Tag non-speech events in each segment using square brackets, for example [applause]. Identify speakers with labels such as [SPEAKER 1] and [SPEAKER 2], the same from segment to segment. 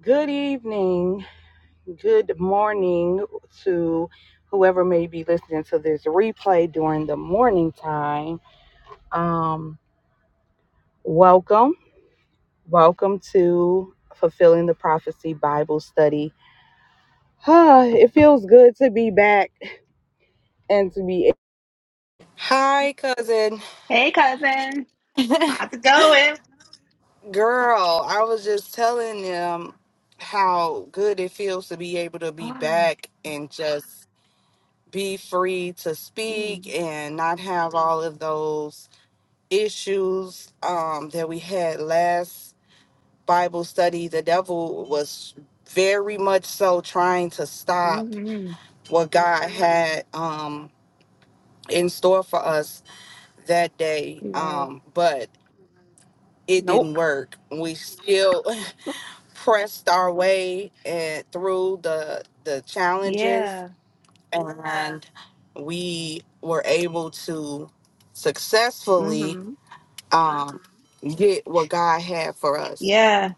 [SPEAKER 1] Good evening, good morning to whoever may be listening to this replay during the morning time. Um, welcome, welcome to Fulfilling the Prophecy Bible Study. Ah, it feels good to be back and to be. Hi, cousin
[SPEAKER 2] Hey, cousin. How's it going?
[SPEAKER 1] girl. I was just telling them how good it feels to be able to be
[SPEAKER 2] Oh, my
[SPEAKER 1] back
[SPEAKER 2] God.
[SPEAKER 1] and just be free to speak
[SPEAKER 2] Mm,
[SPEAKER 1] and not have all of those issues um, that we had last Bible study. The devil was very much so trying to stop
[SPEAKER 2] mm,
[SPEAKER 1] what God had um, in store for us that day,
[SPEAKER 2] he was.
[SPEAKER 1] um, but it didn't
[SPEAKER 2] Nope.
[SPEAKER 1] work. We still [laughs] pressed our way and through the the challenges
[SPEAKER 2] Yeah.
[SPEAKER 1] and we were able to
[SPEAKER 2] Mm
[SPEAKER 1] successfully
[SPEAKER 2] hmm
[SPEAKER 1] um, get what God had for us.
[SPEAKER 2] Yeah.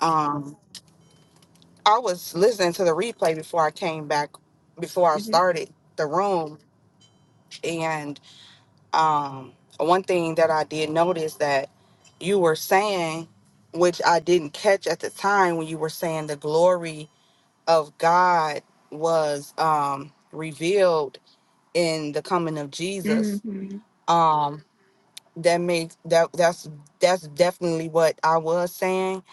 [SPEAKER 1] Um, I was listening to the replay before I came back, before I
[SPEAKER 2] Mm
[SPEAKER 1] started the room, and um, one thing that I did notice that you were saying, which I didn't catch at the time when you were saying the glory of God was um, revealed in the coming of
[SPEAKER 2] hmm Mm
[SPEAKER 1] Jesus.
[SPEAKER 2] hmm
[SPEAKER 1] um, that makes that that's that's definitely what I was saying,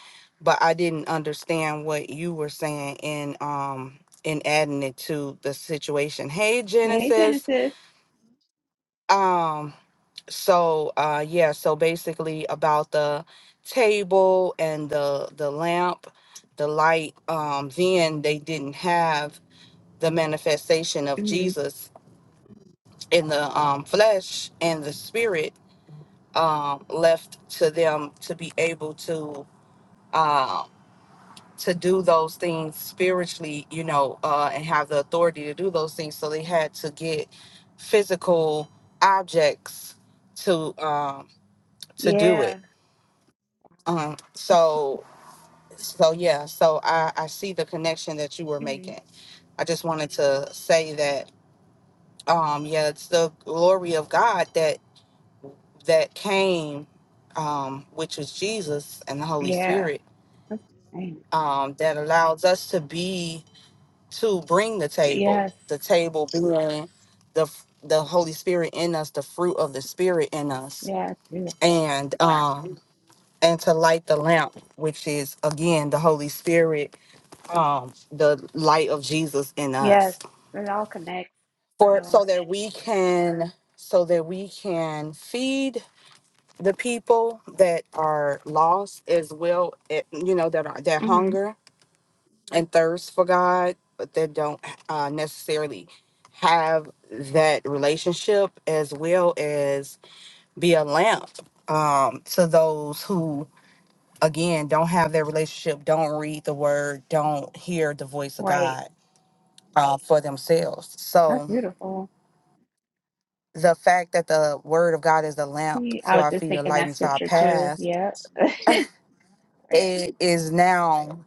[SPEAKER 1] but I didn't understand what you were saying in um in adding it to the situation. Hey
[SPEAKER 2] Hey,
[SPEAKER 1] Genesis.
[SPEAKER 2] Genesis.
[SPEAKER 1] Um so uh yeah, so basically about the table and the the lamp, the light, um then they didn't have the manifestation of
[SPEAKER 2] Mm hmm
[SPEAKER 1] Jesus in the um flesh and the spirit um, left to them to be able to um, to do those things spiritually, you know, uh, and have the authority to do those things. So they had to get physical objects to um, to do it.
[SPEAKER 2] Yeah.
[SPEAKER 1] Um, so so yeah, so I, I see the connection that you were
[SPEAKER 2] Mm hmm
[SPEAKER 1] making. I just wanted to say that um, yeah, it's the glory of God that that came, um, which was Jesus and the Holy
[SPEAKER 2] Yeah.
[SPEAKER 1] Spirit
[SPEAKER 2] That's- dang.
[SPEAKER 1] um, that allows us to be to bring the table.
[SPEAKER 2] Yes.
[SPEAKER 1] The table being the f- the Holy Spirit in us, the fruit of the Spirit in us,
[SPEAKER 2] Yeah, it's beautiful.
[SPEAKER 1] and um, and to light the lamp, which is again the Holy Spirit, um, the light of Jesus in
[SPEAKER 2] Yes.
[SPEAKER 1] us,
[SPEAKER 2] It all connects.
[SPEAKER 1] for
[SPEAKER 2] Yeah.
[SPEAKER 1] so that we can so that we can feed the people that are lost as well eh, you know that are that
[SPEAKER 2] Mm hmm
[SPEAKER 1] hunger and thirst for God, but that don't uh, necessarily have that relationship as well as be a lamp um, to those who, again, don't have that relationship, don't read the word, don't hear the voice of
[SPEAKER 2] Right.
[SPEAKER 1] God uh, for themselves.
[SPEAKER 2] That's
[SPEAKER 1] So
[SPEAKER 2] beautiful.
[SPEAKER 1] the fact that the word of God is a lamp
[SPEAKER 2] See, I
[SPEAKER 1] to
[SPEAKER 2] was
[SPEAKER 1] our
[SPEAKER 2] just
[SPEAKER 1] feet, a
[SPEAKER 2] thinking
[SPEAKER 1] light
[SPEAKER 2] that
[SPEAKER 1] into our
[SPEAKER 2] scripture too.
[SPEAKER 1] path,
[SPEAKER 2] Yep. [laughs]
[SPEAKER 1] it is now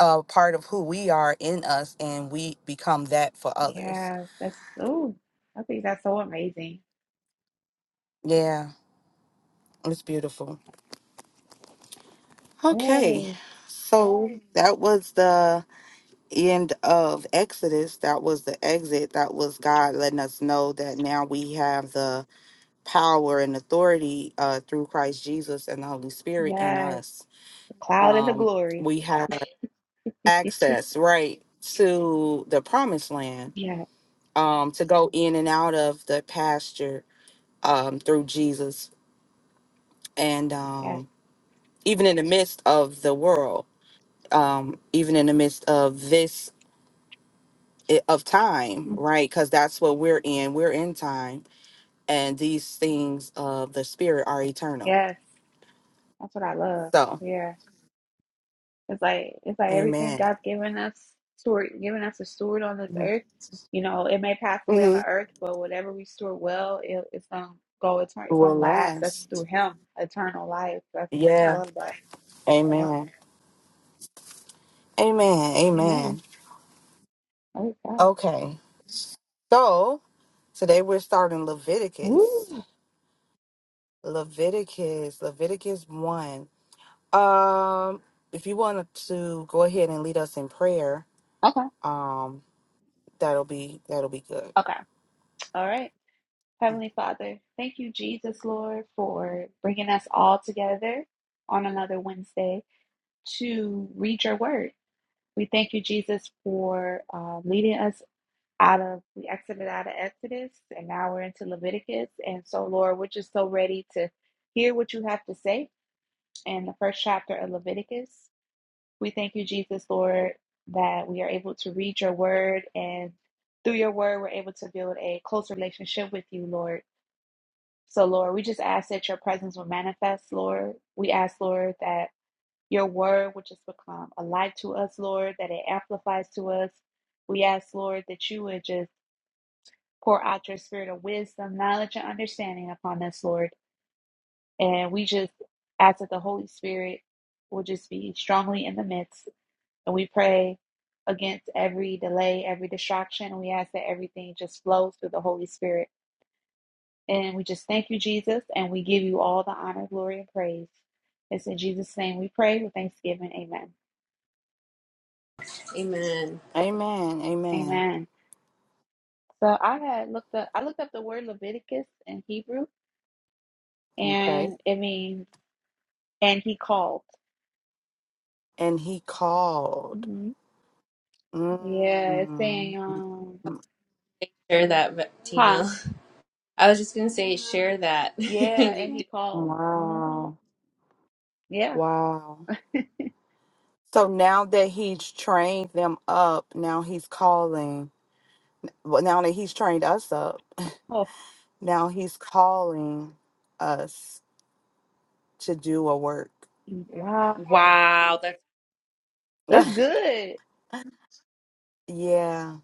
[SPEAKER 1] a part of who we are in us, and we become that for others.
[SPEAKER 2] Yeah, that's oh, I think that's so amazing.
[SPEAKER 1] Yeah. It's beautiful. Okay.
[SPEAKER 2] Yay.
[SPEAKER 1] So that was the end of Exodus. That was the exit. That was God letting us know that now we have the power and authority uh, through Christ Jesus and the Holy Spirit in
[SPEAKER 2] Yes.
[SPEAKER 1] us.
[SPEAKER 2] The cloud and the
[SPEAKER 1] Um,
[SPEAKER 2] glory.
[SPEAKER 1] we have access, right, to the promised land
[SPEAKER 2] Yeah,
[SPEAKER 1] um, to go in and out of the pasture um, through Jesus. And
[SPEAKER 2] yes.
[SPEAKER 1] um, even in the midst of the world, um, even in the midst of this of time,
[SPEAKER 2] Mm.
[SPEAKER 1] right? Because that's what we're in. We're in time, and these things of the spirit are eternal.
[SPEAKER 2] Yes. That's what I love.
[SPEAKER 1] So,
[SPEAKER 2] Yeah. It's like it's like everything
[SPEAKER 1] Amen.
[SPEAKER 2] God's given us steward given us a steward on this earth. You know, it may pass away on the
[SPEAKER 1] Mm-hmm.
[SPEAKER 2] earth, but whatever we store well, it, it's gonna go eternal it's gonna
[SPEAKER 1] Will
[SPEAKER 2] last. That's through
[SPEAKER 1] last.
[SPEAKER 2] him, eternal life. That's I
[SPEAKER 1] Yeah.
[SPEAKER 2] love that. Yep.
[SPEAKER 1] Amen. Amen.
[SPEAKER 2] Amen.
[SPEAKER 1] Amen.
[SPEAKER 2] Oh God.
[SPEAKER 1] Okay. So today we're starting Leviticus.
[SPEAKER 2] Woo.
[SPEAKER 1] Leviticus. Leviticus one. Um, if you want to go ahead and lead us in prayer,
[SPEAKER 2] Okay.
[SPEAKER 1] um, that'll be that'll be good.
[SPEAKER 2] Okay. All right. Heavenly Father, thank you, Jesus, Lord, for bringing us all together on another Wednesday to read your word. We thank you, Jesus, for uh, leading us out of, we exited out of Exodus and now we're into Leviticus. And so, Lord, we're just so ready to hear what you have to say in the first chapter of Leviticus. We thank you, Jesus, Lord, that we are able to read your word and through your word, we're able to build a close relationship with you, Lord. So, Lord, we just ask that your presence will manifest, Lord. We ask, Lord, that your word will just become a light to us, Lord, that it amplifies to us. We ask, Lord, that you would just pour out your spirit of wisdom, knowledge, and understanding upon us, Lord. And we just ask that the Holy Spirit will just be strongly in the midst. And we pray against every delay, every distraction. And we ask that everything just flows through the Holy Spirit. And we just thank you, Jesus, and we give you all the honor, glory, and praise. It's in Jesus' name we pray with thanksgiving. Amen.
[SPEAKER 3] Amen.
[SPEAKER 1] Amen. Amen.
[SPEAKER 2] Amen. So I had looked up I looked up the word Leviticus in Hebrew
[SPEAKER 1] Okay.
[SPEAKER 2] and it means and he called.
[SPEAKER 1] And he called.
[SPEAKER 2] hmm Yeah, it's
[SPEAKER 1] Mm.
[SPEAKER 2] saying um
[SPEAKER 3] Share that,
[SPEAKER 2] huh.
[SPEAKER 3] Tina. I was just gonna say, share that. [laughs]
[SPEAKER 2] Yeah, and
[SPEAKER 3] you
[SPEAKER 2] he
[SPEAKER 3] did.
[SPEAKER 2] called. hmm
[SPEAKER 1] Wow.
[SPEAKER 2] Yeah.
[SPEAKER 1] Wow. So now that he's trained them up, now he's calling. Well, now that he's trained us up, [laughs]
[SPEAKER 2] Oh
[SPEAKER 1] now he's calling us to do a work.
[SPEAKER 2] wow.
[SPEAKER 3] Wow, that's
[SPEAKER 1] [sighs]
[SPEAKER 2] That's good.
[SPEAKER 1] [laughs] yeah.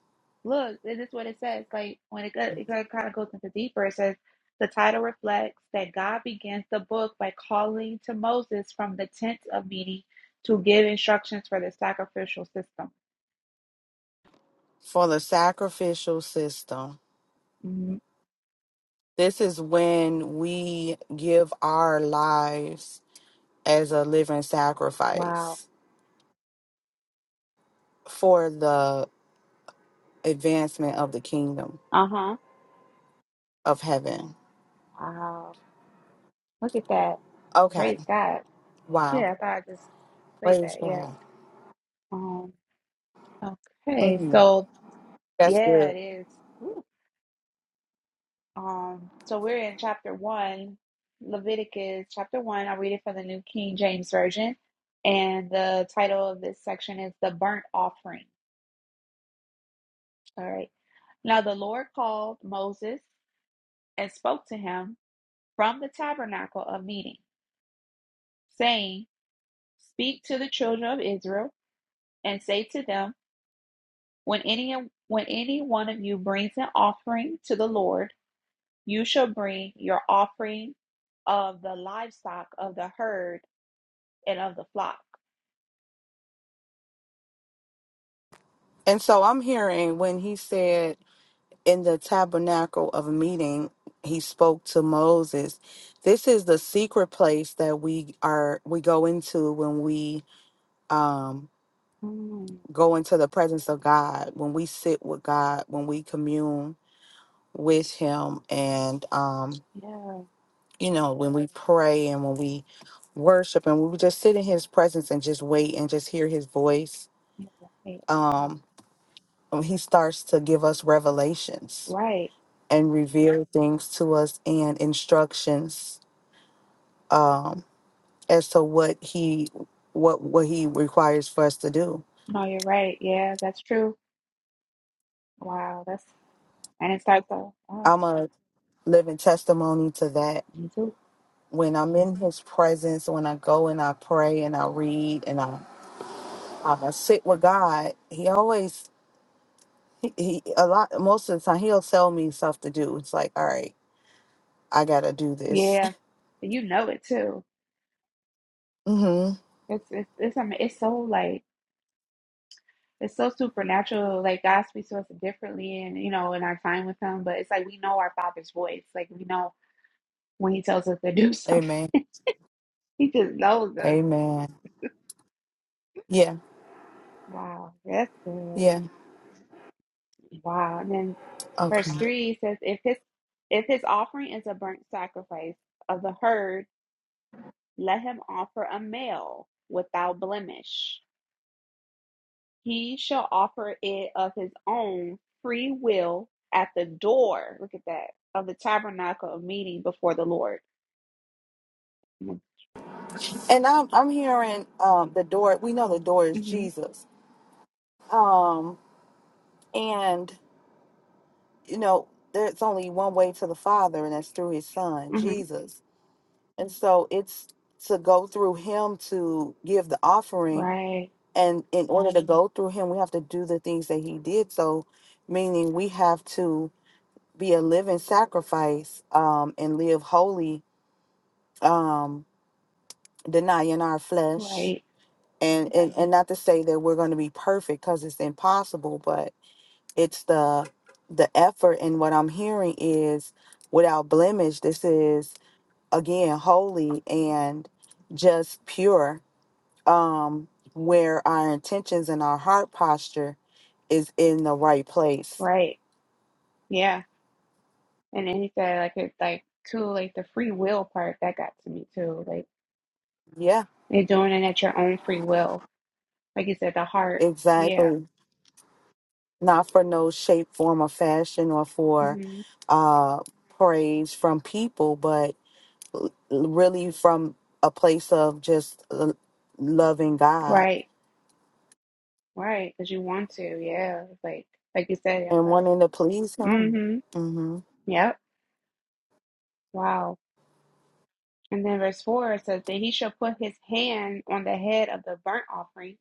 [SPEAKER 2] Look, this is what it says. Like when it, go, it kind of goes into deeper, it says the title reflects that God begins the book by calling to Moses from the tent of meeting to give instructions for the sacrificial system.
[SPEAKER 1] For the sacrificial system.
[SPEAKER 2] Mhm.
[SPEAKER 1] This is when we give our lives as a living
[SPEAKER 2] Wow.
[SPEAKER 1] sacrifice for the advancement of the kingdom
[SPEAKER 2] Uh huh.
[SPEAKER 1] of heaven.
[SPEAKER 2] Wow. Look at that.
[SPEAKER 1] Okay.
[SPEAKER 2] Praise God.
[SPEAKER 1] Wow.
[SPEAKER 2] Yeah, I thought I just say
[SPEAKER 1] Praise
[SPEAKER 2] that. Yeah.
[SPEAKER 1] God.
[SPEAKER 2] Um. Okay.
[SPEAKER 1] Mm,
[SPEAKER 2] So
[SPEAKER 1] that's
[SPEAKER 2] yeah,
[SPEAKER 1] good.
[SPEAKER 2] it is. Um, so we're in chapter one, Leviticus chapter one. I'll read it from the New King James Version. And the title of this section is The Burnt Offering. All right. Now the Lord called Moses and spoke to him from the tabernacle of meeting, saying, Speak to the children of Israel and say to them, when any when any one of you brings an offering to the Lord, you shall bring your offering of the livestock of the herd and of the flock.
[SPEAKER 1] And so I'm hearing when he said in the tabernacle of meeting, he spoke to Moses. This is the secret place that we are we go into when we um
[SPEAKER 2] Mm,
[SPEAKER 1] go into the presence of God, when we sit with God, when we commune with him and um
[SPEAKER 2] yeah,
[SPEAKER 1] you know, when we pray and when we worship and we just sit in his presence and just wait and just hear his voice,
[SPEAKER 2] you're right. Wow.
[SPEAKER 1] um, and he starts to give us revelations
[SPEAKER 2] Right.
[SPEAKER 1] and reveal things to us and instructions um, as to what he what what he requires for us to do.
[SPEAKER 2] No, you're right. Yeah, that's true. Wow, that's and it's like the oh,
[SPEAKER 1] I'm a living testimony to that.
[SPEAKER 2] me too.
[SPEAKER 1] When I'm in his presence, when I go and I pray and I read and I, I sit with God, he always He, he a lot most of the time he'll sell me stuff to do. It's like, all right, I gotta do this.
[SPEAKER 2] Yeah. And you know it too.
[SPEAKER 1] [laughs] hmm
[SPEAKER 2] It's it's it's I mean, it's so like it's so supernatural. Like God speaks to us differently and you know, in our time with him, but it's like we know our father's voice. Like we know when he tells us to do [laughs] something.
[SPEAKER 1] Amen.
[SPEAKER 2] He just knows us.
[SPEAKER 1] Amen. Yeah.
[SPEAKER 2] Wow, that's good.
[SPEAKER 1] Yeah.
[SPEAKER 2] Wow. And then
[SPEAKER 1] Okay.
[SPEAKER 2] verse three says, if his if his offering is a burnt sacrifice of the herd, let him offer a male without blemish. He shall offer it of his own free will at the door. Look at that of the tabernacle of meeting before the Lord.
[SPEAKER 1] And I'm I'm hearing um the door. We know the door is
[SPEAKER 2] Mm-hmm.
[SPEAKER 1] Jesus. Um and you know there's only one way to the Father, and that's through His Son
[SPEAKER 2] hmm
[SPEAKER 1] Jesus. And so it's to go through Him to give the offering.
[SPEAKER 2] Right.
[SPEAKER 1] And in order to go through Him, we have to do the things that He did. So, meaning we have to be a living sacrifice um and live holy um denying our flesh
[SPEAKER 2] Right.
[SPEAKER 1] and and, and not to say that we're going to be perfect because it's impossible but it's the the effort and what i'm hearing is without blemish this is again holy and just pure um where our intentions and our heart posture is in the right place
[SPEAKER 2] Right. Yeah. And then he said, like it's like too, like the free will part that got to me too. Like
[SPEAKER 1] yeah
[SPEAKER 2] you're doing it at your own free will like you said, the heart. Yeah.
[SPEAKER 1] exactly not for no shape, form, or fashion, or for
[SPEAKER 2] hmm
[SPEAKER 1] uh, praise from people, but l- really from a place of just l- loving God
[SPEAKER 2] Right. Right. Because you want to. Yeah. Like, like you said, your
[SPEAKER 1] and
[SPEAKER 2] heart.
[SPEAKER 1] wanting to please Him.
[SPEAKER 2] hmm
[SPEAKER 1] hmm
[SPEAKER 2] Yep. Wow. And then verse 4 says, that he shall put his hand on the head of the burnt offering,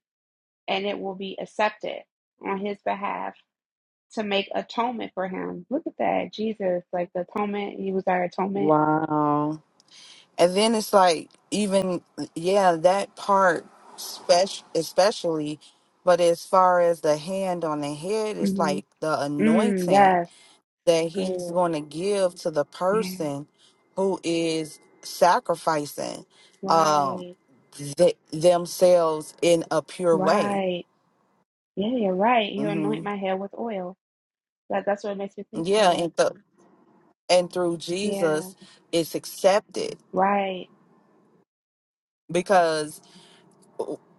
[SPEAKER 2] and it will be accepted on his behalf to make atonement for him. Look at that. Jesus, like the atonement. He was our atonement.
[SPEAKER 1] Wow. And then it's like, even, yeah, that part, spec- especially, but as far as the hand on the head, it's
[SPEAKER 2] hmm
[SPEAKER 1] like the
[SPEAKER 2] Mm,
[SPEAKER 1] anointing
[SPEAKER 2] yes.
[SPEAKER 1] that he's
[SPEAKER 2] Good.
[SPEAKER 1] going to give to the
[SPEAKER 2] Yeah.
[SPEAKER 1] person who is sacrificing um
[SPEAKER 2] Right.
[SPEAKER 1] th- themselves in a pure way
[SPEAKER 2] Right. Yeah, you're right. You anoint
[SPEAKER 1] hmm
[SPEAKER 2] my head with oil. That that's what it makes me think
[SPEAKER 1] yeah
[SPEAKER 2] of.
[SPEAKER 1] and th- and through
[SPEAKER 2] Yeah.
[SPEAKER 1] jesus it's accepted
[SPEAKER 2] Right.
[SPEAKER 1] because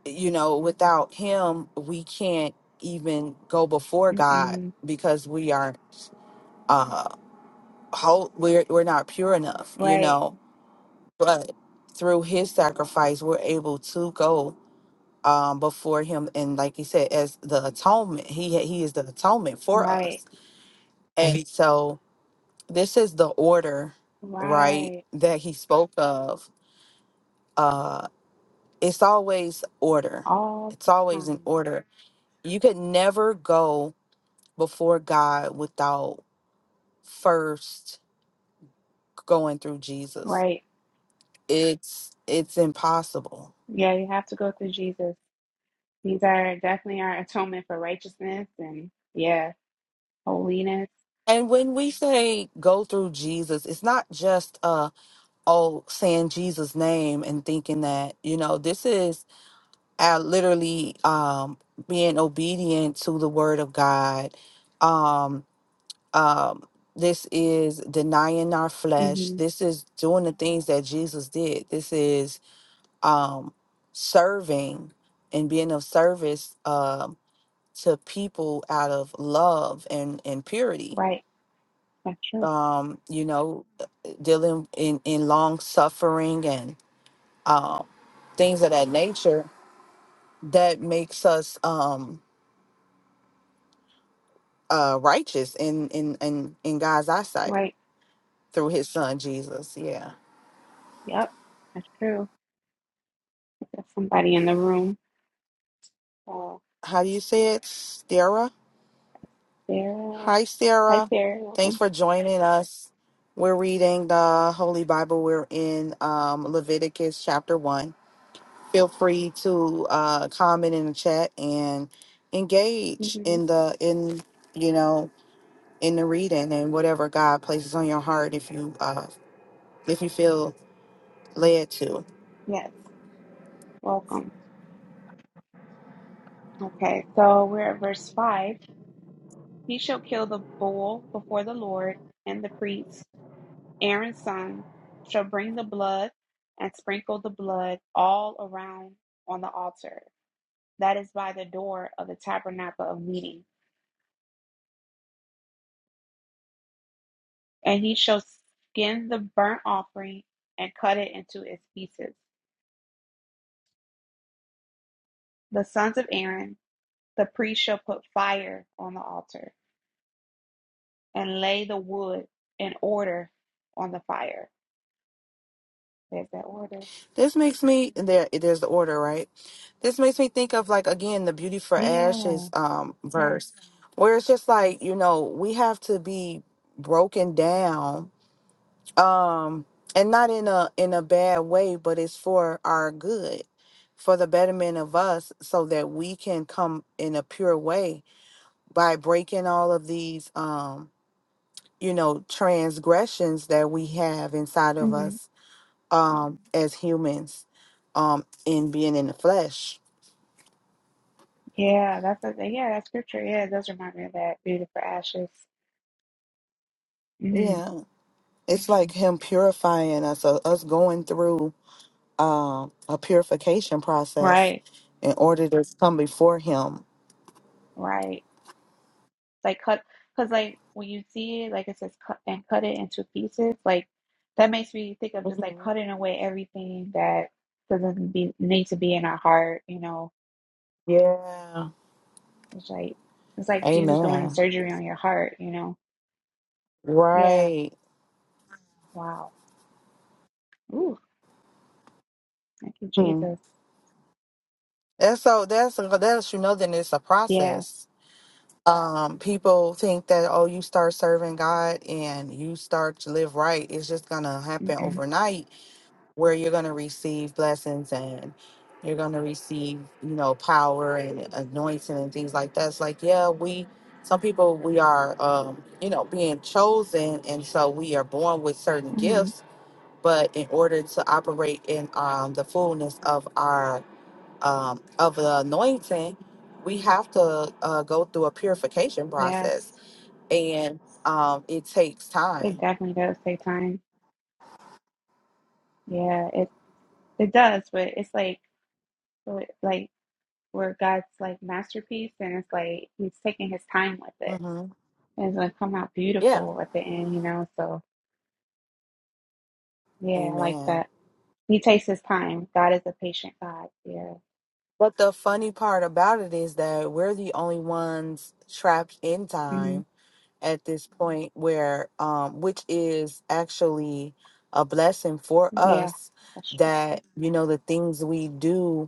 [SPEAKER 1] you know without him we can't even go before god
[SPEAKER 2] Mm-mm.
[SPEAKER 1] because we aren't uh whole we're, we're not pure enough you
[SPEAKER 2] Right.
[SPEAKER 1] know but through his sacrifice we're able to go um, before him. And like he said, as the atonement, he he is the atonement for
[SPEAKER 2] Right.
[SPEAKER 1] us. And Mhm. so this is the order, right,
[SPEAKER 2] Right.
[SPEAKER 1] that he spoke of. Uh, it's always order.
[SPEAKER 2] All
[SPEAKER 1] It's
[SPEAKER 2] the
[SPEAKER 1] always in
[SPEAKER 2] time.
[SPEAKER 1] order. You could never go before God without first going through Jesus.
[SPEAKER 2] Right.
[SPEAKER 1] It's it's impossible.
[SPEAKER 2] Yeah, you have to go through Jesus. These are definitely our atonement for righteousness and yeah, holiness.
[SPEAKER 1] And when we say go through Jesus, it's not just oh saying jesus name and thinking that you know this is uh, literally um being obedient to the word of god um um this is denying our flesh
[SPEAKER 2] Mm-hmm.
[SPEAKER 1] this is doing the things that jesus did this is um serving and being of service um to people out of love and and purity
[SPEAKER 2] Right. That's true.
[SPEAKER 1] um you know dealing in in long suffering and um, things of that nature that makes us um uh righteous in in in in God's eyesight
[SPEAKER 2] Right.
[SPEAKER 1] through his son Jesus. Yeah.
[SPEAKER 2] Yep. That's true. There's somebody in the room. Uh,
[SPEAKER 1] How do you say it? Sarah?
[SPEAKER 2] Sarah.
[SPEAKER 1] Hi
[SPEAKER 2] Hi,
[SPEAKER 1] Sarah.
[SPEAKER 2] Sarah.
[SPEAKER 1] Thanks
[SPEAKER 2] Welcome.
[SPEAKER 1] for joining us. We're reading the Holy Bible. We're in um Leviticus chapter 1. Feel free to uh comment in the chat and engage
[SPEAKER 2] Mm-hmm.
[SPEAKER 1] in the in you know in the reading and whatever God places on your heart if you uh if you feel led to.
[SPEAKER 2] Yes. Welcome. Okay. So we're at verse five. He shall kill the bull before the Lord, and the priest, Aaron's son, shall bring the blood and sprinkle the blood all around on the altar that is by the door of the tabernacle of meeting. And he shall skin the burnt offering and cut it into its pieces. The sons of Aaron, the priest, shall put fire on the altar and lay the wood in order on the fire. There's that order.
[SPEAKER 1] This makes me there there's the order, right? This makes me think of like again the beauty for
[SPEAKER 2] Yeah,
[SPEAKER 1] ashes um
[SPEAKER 2] yes.
[SPEAKER 1] verse where it's just like, you know, we have to be broken down um and not in a in a bad way, but it's for our good, for the betterment of us so that we can come in a pure way by breaking all of these um you know transgressions that we have inside of
[SPEAKER 2] Mm-hmm.
[SPEAKER 1] us um as humans um in being in the flesh
[SPEAKER 2] Yeah, that's a, yeah, that scripture. Yeah, it does remind me of that beauty for ashes. hmm
[SPEAKER 1] yeah it's like him purifying us uh, us going through um a purification process
[SPEAKER 2] Right,
[SPEAKER 1] in order to come before him
[SPEAKER 2] right. Like cut, because like when you see it, like it says cut and cut it into pieces. Like that makes me think of just like
[SPEAKER 1] hmm
[SPEAKER 2] cutting away everything that doesn't be need to be in our heart. You know,
[SPEAKER 1] yeah
[SPEAKER 2] it's like it's like Jesus doing the
[SPEAKER 1] amen
[SPEAKER 2] surgery on your heart. You know. Yeah.
[SPEAKER 1] right
[SPEAKER 2] Wow. Ooh. Thank you,
[SPEAKER 1] hmm.
[SPEAKER 2] Jesus.
[SPEAKER 1] that's so that's uh, that's you know then it's a
[SPEAKER 2] Yeah.
[SPEAKER 1] process um people think that oh you start serving god and you start to live right it's just gonna happen
[SPEAKER 2] Mm-mm.
[SPEAKER 1] overnight where you're going to receive blessings and you're going to receive, you know, power and anointing and things like that. It's like, yeah, we, some people, we are, um, you know, being chosen. And so we are born with certain
[SPEAKER 2] Mm-hmm.
[SPEAKER 1] gifts. But in order to operate in um, the fullness of our, um, of the anointing, we have to uh, go through a purification process.
[SPEAKER 2] Yes.
[SPEAKER 1] And um, it takes
[SPEAKER 2] It
[SPEAKER 1] time.
[SPEAKER 2] definitely does take time. Yeah. It does, but it's like like where God's like masterpiece, and it's like He's taking His time with it,
[SPEAKER 1] hmm
[SPEAKER 2] and it's gonna come out
[SPEAKER 1] Yeah.
[SPEAKER 2] beautiful at the end, you know. So yeah, I like
[SPEAKER 1] Amen.
[SPEAKER 2] that. He takes His time. God is a patient God. Yeah,
[SPEAKER 1] But the funny part about it is that we're the only ones trapped in
[SPEAKER 2] mm
[SPEAKER 1] time at this point where um which is actually a blessing for
[SPEAKER 2] yeah,
[SPEAKER 1] us
[SPEAKER 2] that's true.
[SPEAKER 1] that you know the things we do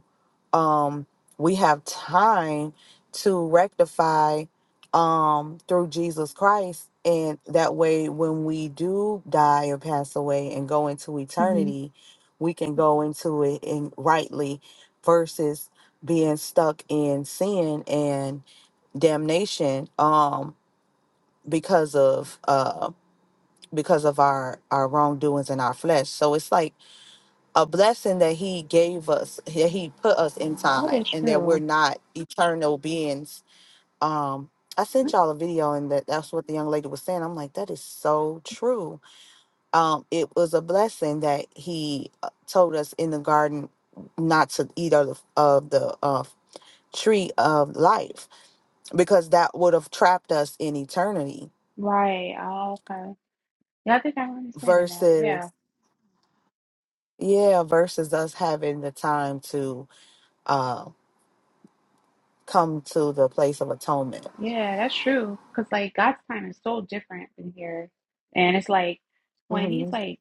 [SPEAKER 1] um, we have time to rectify um, through Jesus Christ. And that way, when we do die or pass away and go into
[SPEAKER 2] hmm
[SPEAKER 1] eternity, we can go into it in rightly versus being stuck in sin and damnation um because of uh because of our our wrongdoings in our flesh so it's like a blessing that he gave us that he put us in
[SPEAKER 2] That
[SPEAKER 1] time
[SPEAKER 2] is
[SPEAKER 1] and that we're
[SPEAKER 2] true.
[SPEAKER 1] not eternal beings um i sent
[SPEAKER 2] Mm.
[SPEAKER 1] y'all a video and that that's what the young lady was saying i'm like that is so true um it was a blessing that he uh, told us in the garden not to eat of the of the uh, tree of life because that would have trapped us in eternity
[SPEAKER 2] Right. Oh, okay. Yeah, I think I'm understanding that. Yeah,
[SPEAKER 1] versus yeah versus us having the time to uh come to the place of atonement
[SPEAKER 2] yeah, that's true. Cause like God's time is so different than here, and it's like when He's
[SPEAKER 1] hmm
[SPEAKER 2] like.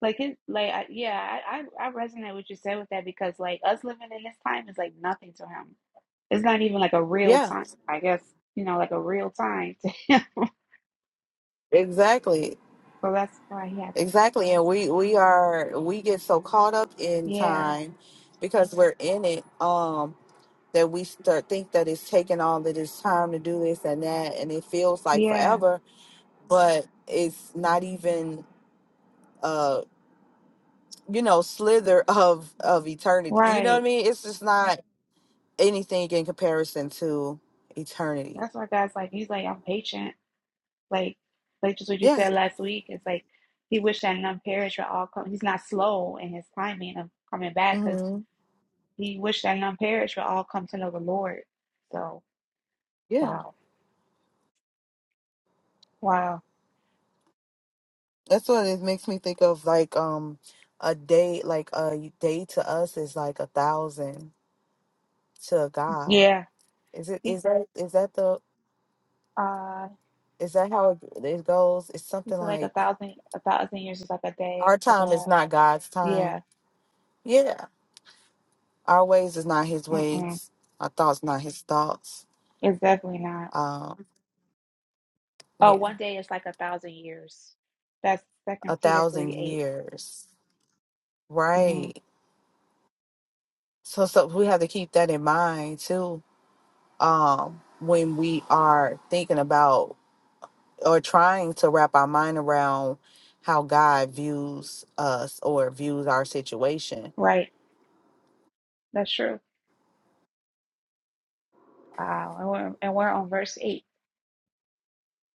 [SPEAKER 2] Like it, like I, yeah, I, I I resonate with what you said with that because like us living in this time is like nothing to him. It's not even like a real
[SPEAKER 1] Yeah,
[SPEAKER 2] time. I guess you know, like a real time to him. [laughs]
[SPEAKER 1] exactly.
[SPEAKER 2] So that's why he had to.
[SPEAKER 1] Exactly. And we we are we get so caught up in
[SPEAKER 2] Yeah,
[SPEAKER 1] time because we're in it um that we start think that it's taking all of this time to do this and that and it feels like
[SPEAKER 2] yeah,
[SPEAKER 1] forever, but it's not even uh you know slither [laughs] of of eternity. You know what
[SPEAKER 2] right.
[SPEAKER 1] I mean? It's just not anything in comparison to eternity.
[SPEAKER 2] That's why God's like he's like I'm patient. Like like just what you
[SPEAKER 1] Yeah.
[SPEAKER 2] said last week. It's like he wished that none perish would all come. He's not slow in his timing of coming back because
[SPEAKER 1] Mhm.
[SPEAKER 2] he wished that none perish would all come to know the Lord. So wow, wow,
[SPEAKER 1] That's what it makes me think of like um a day like a day to us is like a thousand to God.
[SPEAKER 2] yeah.
[SPEAKER 1] Is it is that is that the
[SPEAKER 2] Uh,
[SPEAKER 1] is that how it, it goes? It's something
[SPEAKER 2] it's like a
[SPEAKER 1] like
[SPEAKER 2] thousand, a thousand years is like a day
[SPEAKER 1] our
[SPEAKER 2] to
[SPEAKER 1] time is
[SPEAKER 2] God.
[SPEAKER 1] not God's time.
[SPEAKER 2] Yeah,
[SPEAKER 1] Yeah. Our ways is not his
[SPEAKER 2] mm-mm,
[SPEAKER 1] ways. Our thoughts not his thoughts.
[SPEAKER 2] it's definitely not.
[SPEAKER 1] Um
[SPEAKER 2] Oh,
[SPEAKER 1] yeah.
[SPEAKER 2] one day is like a thousand years. That's Second
[SPEAKER 1] A
[SPEAKER 2] Peter
[SPEAKER 1] thousand
[SPEAKER 2] three 8
[SPEAKER 1] years.
[SPEAKER 2] Mm-hmm.
[SPEAKER 1] Right. So so we have to keep that in mind too. Um when we are thinking about or trying to wrap our mind around how God views us or views our situation.
[SPEAKER 2] Right, that's true. Wow, and we're and we're on verse eight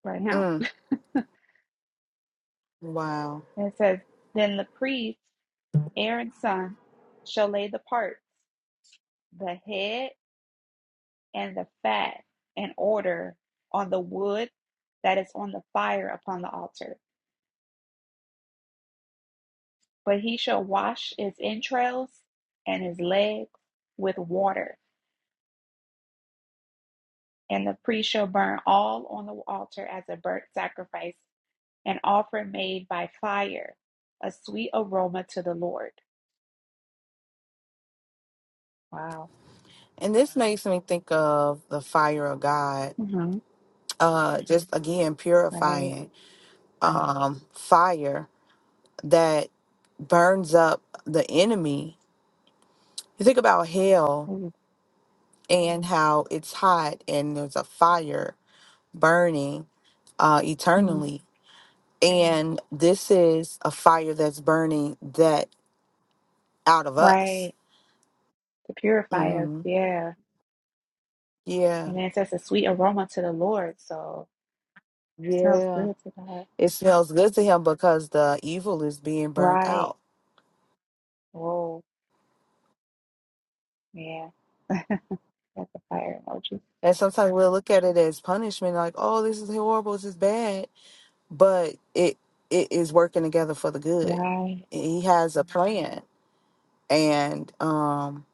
[SPEAKER 2] right now.
[SPEAKER 1] Mm, wow.
[SPEAKER 2] And it says, "Then the priest, Aaron's son, shall lay the parts, the head and the fat, in order on the wood that is on the fire upon the altar." But he shall wash his entrails and his legs with water, and the priest shall burn all on the altar as a burnt sacrifice, an offering made by fire, a sweet aroma to the Lord. Wow.
[SPEAKER 1] And this makes me think of the fire of God.
[SPEAKER 2] hmm
[SPEAKER 1] Uh just again
[SPEAKER 2] Right.
[SPEAKER 1] purifying um fire that burns up the enemy. You think about hell
[SPEAKER 2] Ooh.
[SPEAKER 1] and how it's hot and there's a fire burning uh
[SPEAKER 2] Mhm.
[SPEAKER 1] eternally. And this is a fire that's burning that out of us
[SPEAKER 2] Right. To purify us.
[SPEAKER 1] hmm
[SPEAKER 2] Yeah.
[SPEAKER 1] Yeah.
[SPEAKER 2] And it says a sweet aroma to the Lord. So it smells
[SPEAKER 1] Yeah.
[SPEAKER 2] good to God.
[SPEAKER 1] It smells good to him because the evil is being burnt
[SPEAKER 2] Right.
[SPEAKER 1] out.
[SPEAKER 2] Whoa. Yeah. That's a fire emoji.
[SPEAKER 1] And sometimes we'll look at it as punishment, like, oh, this is horrible, this is bad. But it it is working together for the good.
[SPEAKER 2] Right.
[SPEAKER 1] He has a plan. And um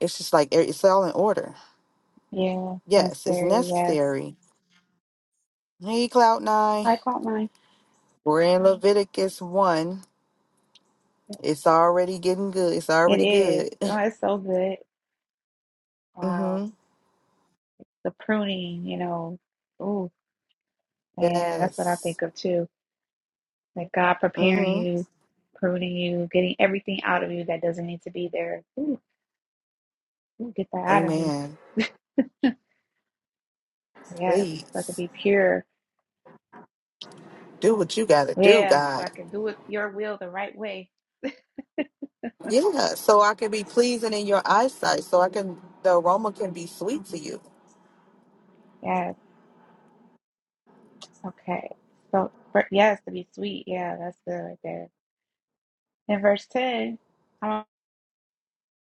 [SPEAKER 1] it's just like it's all in order.
[SPEAKER 2] Yeah.
[SPEAKER 1] Yes, it's
[SPEAKER 2] Necessary. Yes.
[SPEAKER 1] necessary. Hey, Cloud Nine.
[SPEAKER 2] I caught mine.
[SPEAKER 1] We're in Leviticus one. It's already getting good. It's
[SPEAKER 2] It
[SPEAKER 1] already
[SPEAKER 2] is.
[SPEAKER 1] good. [laughs]
[SPEAKER 2] Oh, it's so good. Wow.
[SPEAKER 1] mm-hmm.
[SPEAKER 2] The pruning, you know. Ooh, man, that's what I
[SPEAKER 1] Yes.
[SPEAKER 2] think of too. Like God preparing
[SPEAKER 1] Mm-hmm.
[SPEAKER 2] you, pruning you, getting everything out of you that doesn't need to be there. Ooh, ooh, get that out of me.
[SPEAKER 1] Amen.
[SPEAKER 2] Yes, so I could
[SPEAKER 1] Please
[SPEAKER 2] be pure.
[SPEAKER 1] do what you got to do,
[SPEAKER 2] Yeah, so I
[SPEAKER 1] God.
[SPEAKER 2] can do it your will the right way.
[SPEAKER 1] Yeah, so I can be pleasing in your eyesight, so I can, the aroma can be
[SPEAKER 2] hmm
[SPEAKER 1] sweet to you.
[SPEAKER 2] Yes. Okay. So, for, yes, to be sweet. Yeah, that's good right there. In verse 10,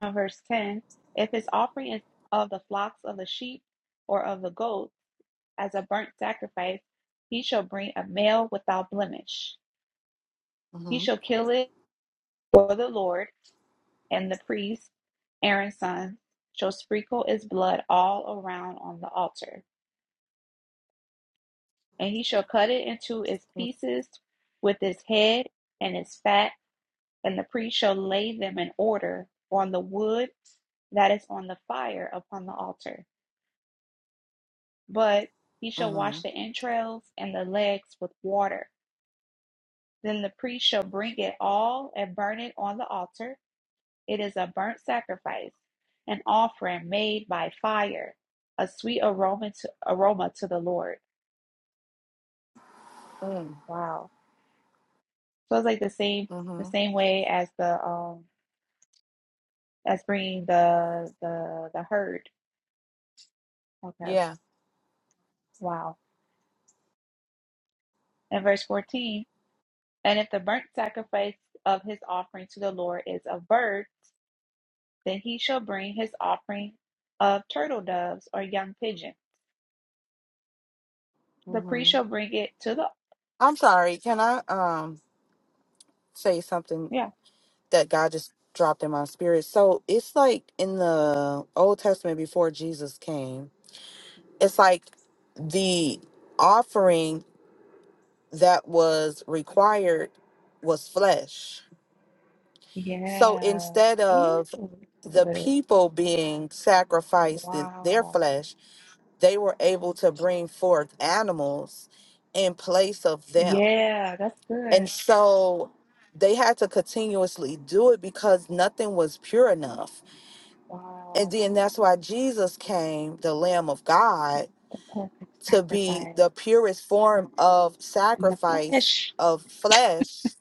[SPEAKER 2] on verse 10 if his offering is of the flocks of the sheep or of the goats as a burnt sacrifice he shall bring a male without blemish he
[SPEAKER 1] Mm-hmm.
[SPEAKER 2] shall kill it for the lord and the priest aaron's son shall sprinkle its blood all around on the altar and he shall cut it into its pieces with its head and its fat and the priest shall lay them in order on the wood that is on the fire upon the altar But he shall wash the
[SPEAKER 1] Mm-hmm.
[SPEAKER 2] entrails and the legs with water. Then the priest shall bring it all and burn it on the altar. It is a burnt sacrifice, an offering made by fire, a sweet aroma to, aroma to the Lord.
[SPEAKER 1] Mm,
[SPEAKER 2] Wow. So it's like the same the
[SPEAKER 1] Mm-hmm.
[SPEAKER 2] same way as the um as bringing the the the herd. Okay.
[SPEAKER 1] Yeah.
[SPEAKER 2] Wow. And verse 14, and if the burnt sacrifice of his offering to the Lord is a bird, Then he shall bring his offering of turtle doves or young pigeon. The
[SPEAKER 1] Mm-hmm.
[SPEAKER 2] priest shall bring it to the
[SPEAKER 1] I'm sorry. Can I um say something
[SPEAKER 2] yeah.
[SPEAKER 1] that God just dropped in my spirit? So it's like in the Old Testament before Jesus came, it's like the offering that was required was flesh So
[SPEAKER 2] Yeah.
[SPEAKER 1] instead
[SPEAKER 2] Ooh,
[SPEAKER 1] of the
[SPEAKER 2] good.
[SPEAKER 1] people being sacrificed in their
[SPEAKER 2] Wow.
[SPEAKER 1] flesh, they were able to bring forth animals in place of them.
[SPEAKER 2] Yeah, that's good.
[SPEAKER 1] And so they had to continuously do it because nothing was pure enough. And
[SPEAKER 2] Wow.
[SPEAKER 1] then that's why Jesus came, the Lamb of God,
[SPEAKER 2] The perfect
[SPEAKER 1] to be the
[SPEAKER 2] sacrifice
[SPEAKER 1] purest
[SPEAKER 2] um,
[SPEAKER 1] form of
[SPEAKER 2] in the
[SPEAKER 1] sacrifice
[SPEAKER 2] flesh.
[SPEAKER 1] of flesh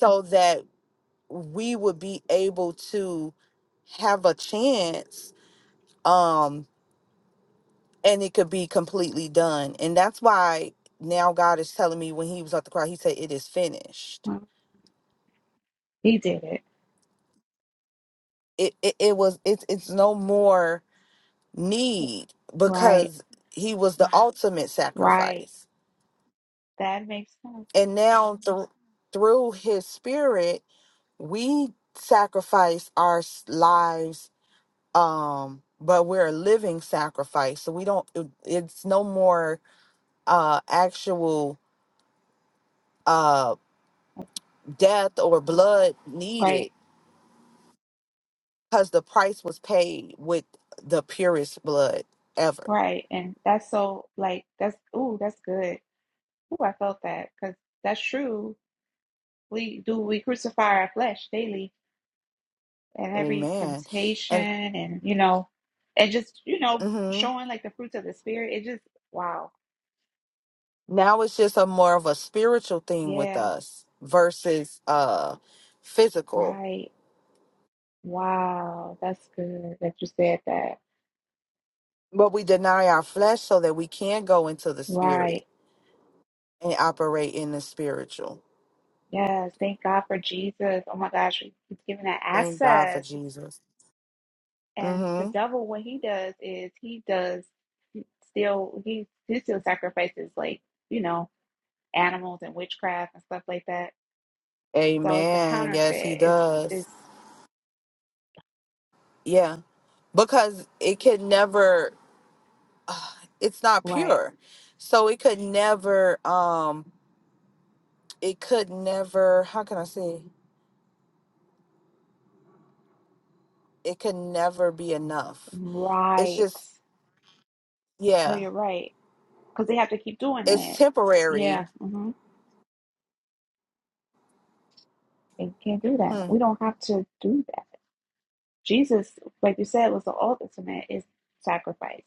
[SPEAKER 1] so that we would be able to have a chance um and it could be completely done and that's why now god is telling me when he was at the cross he said it is finished
[SPEAKER 2] Mm, He did it.
[SPEAKER 1] it it, it was it's it's no more need
[SPEAKER 2] Right.
[SPEAKER 1] because he was the Right. ultimate
[SPEAKER 2] Right.
[SPEAKER 1] sacrifice
[SPEAKER 2] That makes sense.
[SPEAKER 1] and now through through his spirit we sacrifice our s- lives um but we're a living sacrifice so we don't it- it's no more uh, actual uh, death or blood
[SPEAKER 2] Right.
[SPEAKER 1] needed because the price was paid with the purest blood ever.
[SPEAKER 2] Right. And that's so like that's ooh, that's good. Ooh, I felt that because that's true we do we crucify our flesh daily and every
[SPEAKER 1] Amen.
[SPEAKER 2] temptation
[SPEAKER 1] And
[SPEAKER 2] and you know and just you know
[SPEAKER 1] hmm
[SPEAKER 2] showing like the fruits of the spirit it just wow
[SPEAKER 1] now it's just a more of a spiritual thing with
[SPEAKER 2] yeah
[SPEAKER 1] us versus uh, physical.
[SPEAKER 2] right wow that's good that you said that
[SPEAKER 1] But we deny our flesh so that we can go into the
[SPEAKER 2] right
[SPEAKER 1] spirit and operate in the spiritual.
[SPEAKER 2] yes thank god for jesus oh my gosh He- he's giving that
[SPEAKER 1] Thank God for
[SPEAKER 2] access it's,
[SPEAKER 1] Jesus.
[SPEAKER 2] and the
[SPEAKER 1] hmm
[SPEAKER 2] devil what he does is he does still he, he still sacrifices like you know animals and witchcraft and stuff like that So it's a
[SPEAKER 1] Amen. Yes, He
[SPEAKER 2] counterfeit. It's
[SPEAKER 1] does.
[SPEAKER 2] it's
[SPEAKER 1] Yeah. because it could never ugh, it's not
[SPEAKER 2] right,
[SPEAKER 1] pure so it could never um it could never how can i say it could never be enough it's
[SPEAKER 2] right.
[SPEAKER 1] just
[SPEAKER 2] No,
[SPEAKER 1] yeah
[SPEAKER 2] you're right. Because they have to keep doing
[SPEAKER 1] it's
[SPEAKER 2] it.
[SPEAKER 1] temporary
[SPEAKER 2] Yeah, hmm they can't do that.
[SPEAKER 1] hmm.
[SPEAKER 2] We don't have to do that. Jesus, like you said, was the ultimate is sacrifice.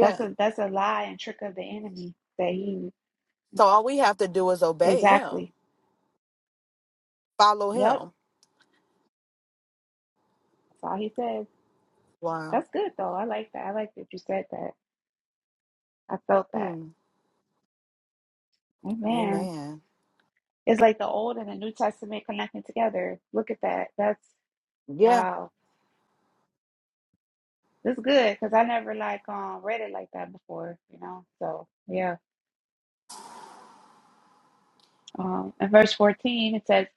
[SPEAKER 2] That's a that's a lie and trick of the enemy that he
[SPEAKER 1] so all we have to do is obey him
[SPEAKER 2] exactly.
[SPEAKER 1] follow
[SPEAKER 2] Yep,
[SPEAKER 1] him
[SPEAKER 2] that's all he says.
[SPEAKER 1] wow
[SPEAKER 2] That's good though. I like that. I like that you said that. I felt that.
[SPEAKER 1] hmm.
[SPEAKER 2] Amen.
[SPEAKER 1] amen
[SPEAKER 2] It's like the Old and the New Testament connecting together. Look at that. That's
[SPEAKER 1] yeah
[SPEAKER 2] wow. That's good because I never like um read it like that before, you know. So yeah. Um, in verse fourteen it says,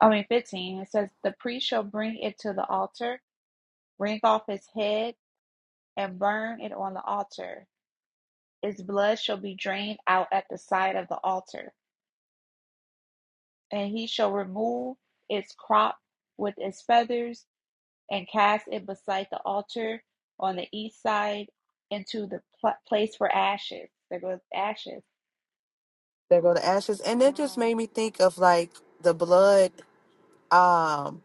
[SPEAKER 2] I mean fifteen it says, the priest shall bring it to the altar, wring off his head, and burn it on the altar. Its blood shall be drained out at the side of the altar, and he shall remove its crop with its feathers and cast it beside the altar on the east side into the pl- place for ashes. There goes ashes.
[SPEAKER 1] they go to ashes and it just
[SPEAKER 2] Wow.
[SPEAKER 1] made me think of like the blood Um,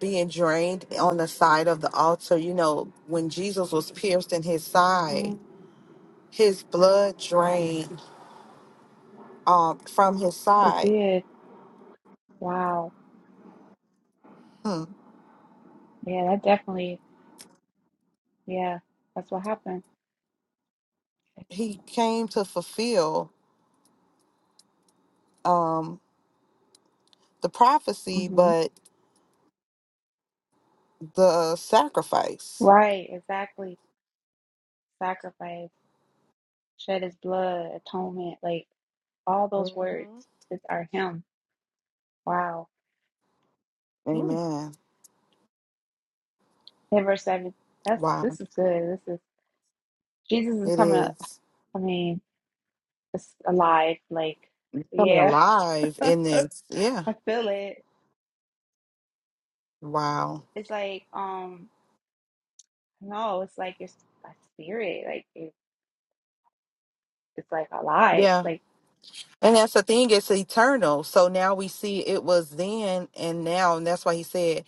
[SPEAKER 1] being drained on the side of the altar. You know, when Jesus was pierced in his side,
[SPEAKER 2] Mm-hmm.
[SPEAKER 1] his blood drained um, from his
[SPEAKER 2] It
[SPEAKER 1] side.
[SPEAKER 2] did. Wow.
[SPEAKER 1] Hmm.
[SPEAKER 2] Yeah, that definitely, yeah, that's what happened.
[SPEAKER 1] He came to fulfill um, the prophecy,
[SPEAKER 2] hmm
[SPEAKER 1] but the sacrifice.
[SPEAKER 2] Right, exactly. Sacrifice, shed his blood, atonement, like all
[SPEAKER 1] hmm
[SPEAKER 2] those words that are him. Wow. Ooh.
[SPEAKER 1] Amen.
[SPEAKER 2] And verse 7. That's
[SPEAKER 1] Wow,
[SPEAKER 2] this is good. This is Jesus is
[SPEAKER 1] it
[SPEAKER 2] coming up.
[SPEAKER 1] is
[SPEAKER 2] I mean, it's alive. Like,
[SPEAKER 1] It's coming
[SPEAKER 2] yeah.
[SPEAKER 1] alive
[SPEAKER 2] [laughs] I
[SPEAKER 1] in this. Yeah.
[SPEAKER 2] feel it.
[SPEAKER 1] Wow.
[SPEAKER 2] It's like, um, no, it's like your, s- my spirit. Like, it, it's like alive.
[SPEAKER 1] Yeah.
[SPEAKER 2] Like,
[SPEAKER 1] And that's the thing, it's eternal. So now we see it was then and now. And that's why he said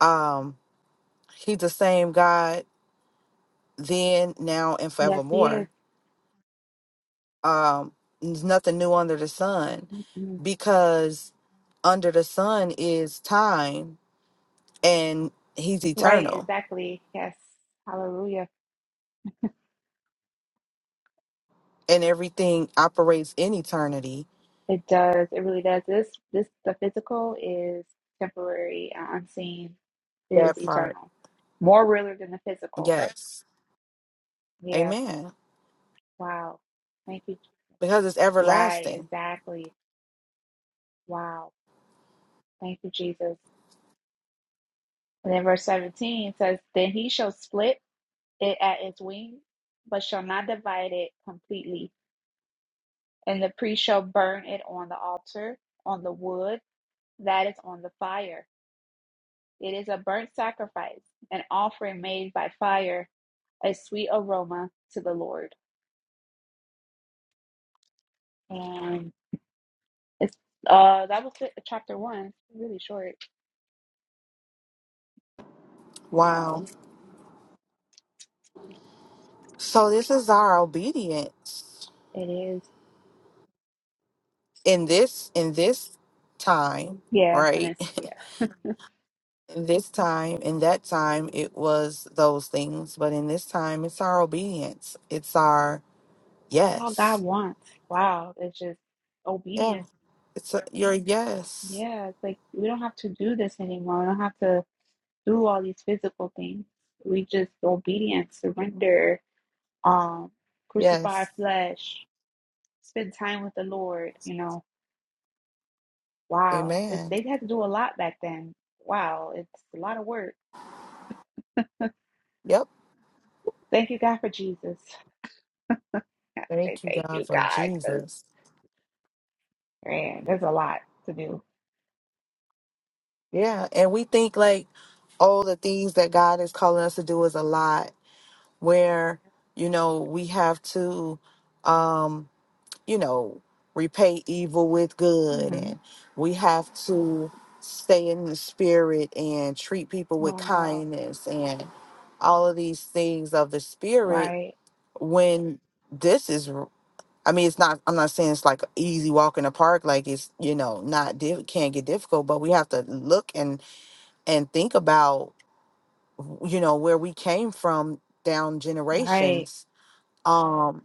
[SPEAKER 1] Um, he's the same God then, now, and
[SPEAKER 2] yes, he is.
[SPEAKER 1] forevermore. Um, there's nothing new under the sun
[SPEAKER 2] Mhm.
[SPEAKER 1] because under the sun is time and he's
[SPEAKER 2] Right,
[SPEAKER 1] eternal
[SPEAKER 2] exactly. Yes. Hallelujah.
[SPEAKER 1] and everything operates in eternity.
[SPEAKER 2] It does. It really does. This this the physical is temporary. uh, Unseen is
[SPEAKER 1] That part.
[SPEAKER 2] eternal. More realer than the physical.
[SPEAKER 1] Yes.
[SPEAKER 2] Yeah.
[SPEAKER 1] Amen.
[SPEAKER 2] Wow. Thank you.
[SPEAKER 1] Because it's
[SPEAKER 2] Right,
[SPEAKER 1] everlasting.
[SPEAKER 2] exactly. Wow. Thank you, Jesus. And then verse 17 says, Then he shall split it at its wings, but shall not divide it completely. And the priest shall burn it on the altar, on the wood that is on the fire It is a burnt sacrifice, an offering made by fire, a sweet aroma to the Lord. And it's uh that was it, chapter one. Really short. Wow.
[SPEAKER 1] Wow. So this is our obedience
[SPEAKER 2] It is.
[SPEAKER 1] in this in this time,
[SPEAKER 2] Yeah, and
[SPEAKER 1] right?
[SPEAKER 2] it's
[SPEAKER 1] [laughs]
[SPEAKER 2] yeah.
[SPEAKER 1] In this time, in that time, it was those things, but in this time, it's our obedience. It's our
[SPEAKER 2] It's all God
[SPEAKER 1] yes.
[SPEAKER 2] wants. Wow. It's just
[SPEAKER 1] Yeah,
[SPEAKER 2] obedience.
[SPEAKER 1] it's a, your yes.
[SPEAKER 2] Yeah, it's like we don't have to do this anymore. We don't have to do all these physical things. We just obedience, surrender, um, crucify our
[SPEAKER 1] Yes.
[SPEAKER 2] flesh, spend time with the Lord, you know Wow. It's
[SPEAKER 1] Amen.
[SPEAKER 2] they had to do a lot back then. Wow, it's a lot of work.
[SPEAKER 1] Yep.
[SPEAKER 2] Thank you, God, for Jesus. [laughs] I say
[SPEAKER 1] Thank you,
[SPEAKER 2] thank you,
[SPEAKER 1] God, for
[SPEAKER 2] God, because
[SPEAKER 1] Jesus.
[SPEAKER 2] man, there's a lot to do.
[SPEAKER 1] Yeah. And we think like, oh, the things that God is calling us to do is a lot where, you know, we have to. um you know, repay evil with good
[SPEAKER 2] Mhm.
[SPEAKER 1] and we have to stay in the spirit and treat people with
[SPEAKER 2] Wow.
[SPEAKER 1] kindness and all of these things of the spirit
[SPEAKER 2] Right.
[SPEAKER 1] when this is r- I mean it's not I'm not saying it's like an easy walk in the park like it's you know not diff- can't get difficult but we have to look and and think about you know where we came from down
[SPEAKER 2] Right.
[SPEAKER 1] generations um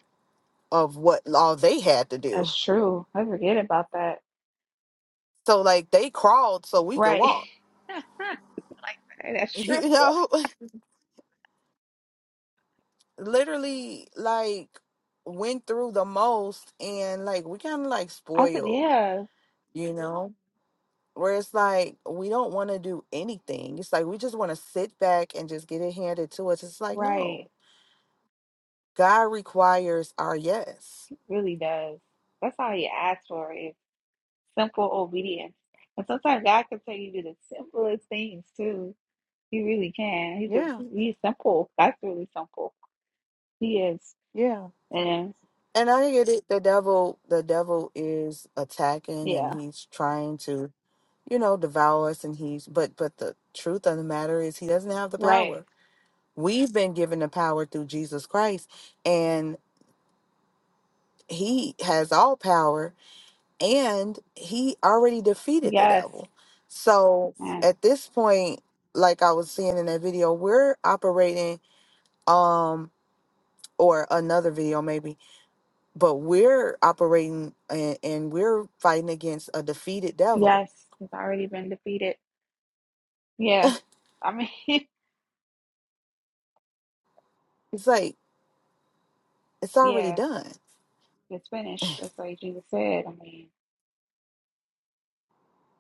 [SPEAKER 1] of what law they had to do
[SPEAKER 2] That's true. I forget about that.
[SPEAKER 1] So like they crawled so we could
[SPEAKER 2] Right.
[SPEAKER 1] walk. [laughs]
[SPEAKER 2] [laughs] That's true.
[SPEAKER 1] You know, [laughs] literally like went through the most and like we kind of like
[SPEAKER 2] I said,
[SPEAKER 1] spoiled,
[SPEAKER 2] yeah,
[SPEAKER 1] you know, where it's like we don't want to do anything. It's like we just want to sit back and just get it handed to us. It's like,
[SPEAKER 2] right.
[SPEAKER 1] no, God requires our yes.
[SPEAKER 2] It really does. That's all you ask for is simple obedience. And sometimes God can tell you to do the simplest things too. He really can. He's a
[SPEAKER 1] Yeah.
[SPEAKER 2] he's simple. That's really simple. He is.
[SPEAKER 1] Yeah.
[SPEAKER 2] And
[SPEAKER 1] And I get it. The devil, the devil is attacking, and
[SPEAKER 2] yeah,
[SPEAKER 1] he's trying to, you know, devour us. And he's, but, but the truth of the matter is, he doesn't have the
[SPEAKER 2] right.
[SPEAKER 1] power. We've been given the power through Jesus Christ, and He has all power, and He already defeated the
[SPEAKER 2] Yes.
[SPEAKER 1] devil. So
[SPEAKER 2] And
[SPEAKER 1] at this point, like I was seeing in that video, we're operating, um, or another video maybe but we're operating and, and we're fighting against a defeated devil.
[SPEAKER 2] yes, it's already been defeated. Yeah. I mean, [laughs]
[SPEAKER 1] It's like it's already
[SPEAKER 2] yeah,
[SPEAKER 1] done.
[SPEAKER 2] it's finished. Just like Jesus said. I mean,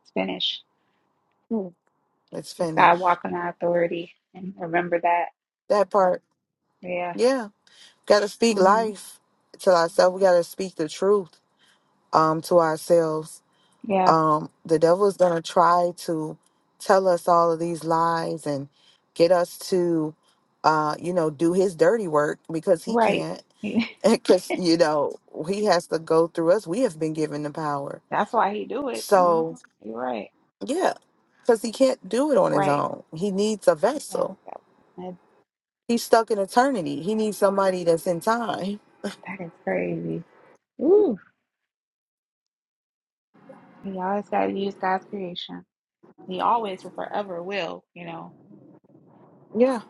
[SPEAKER 2] it's finished.
[SPEAKER 1] Mm. It's
[SPEAKER 2] Just gotta
[SPEAKER 1] finished.
[SPEAKER 2] walk in our authority and remember that.
[SPEAKER 1] That part,
[SPEAKER 2] Yeah.
[SPEAKER 1] yeah. Got to speak
[SPEAKER 2] hmm
[SPEAKER 1] life to ourselves. We got to speak the truth um, to ourselves.
[SPEAKER 2] Yeah.
[SPEAKER 1] Um, the devil is gonna try to tell us all of these lies and get us to, uh, you know, do his dirty work because he
[SPEAKER 2] Right.
[SPEAKER 1] can't. [laughs]
[SPEAKER 2] [laughs]
[SPEAKER 1] Because you know he has to go through us. We have been given the power.
[SPEAKER 2] That's why he do it. Mhm.
[SPEAKER 1] So
[SPEAKER 2] You're right.
[SPEAKER 1] Yeah, because he can't do it on his
[SPEAKER 2] Right.
[SPEAKER 1] own. He needs a
[SPEAKER 2] Yeah.
[SPEAKER 1] vessel.
[SPEAKER 2] That, that
[SPEAKER 1] He's stuck in eternity. He needs somebody that's in time.
[SPEAKER 2] that is crazy. Ooh. He always got to use God's creation. He always will forever will, you know.
[SPEAKER 1] Yeah.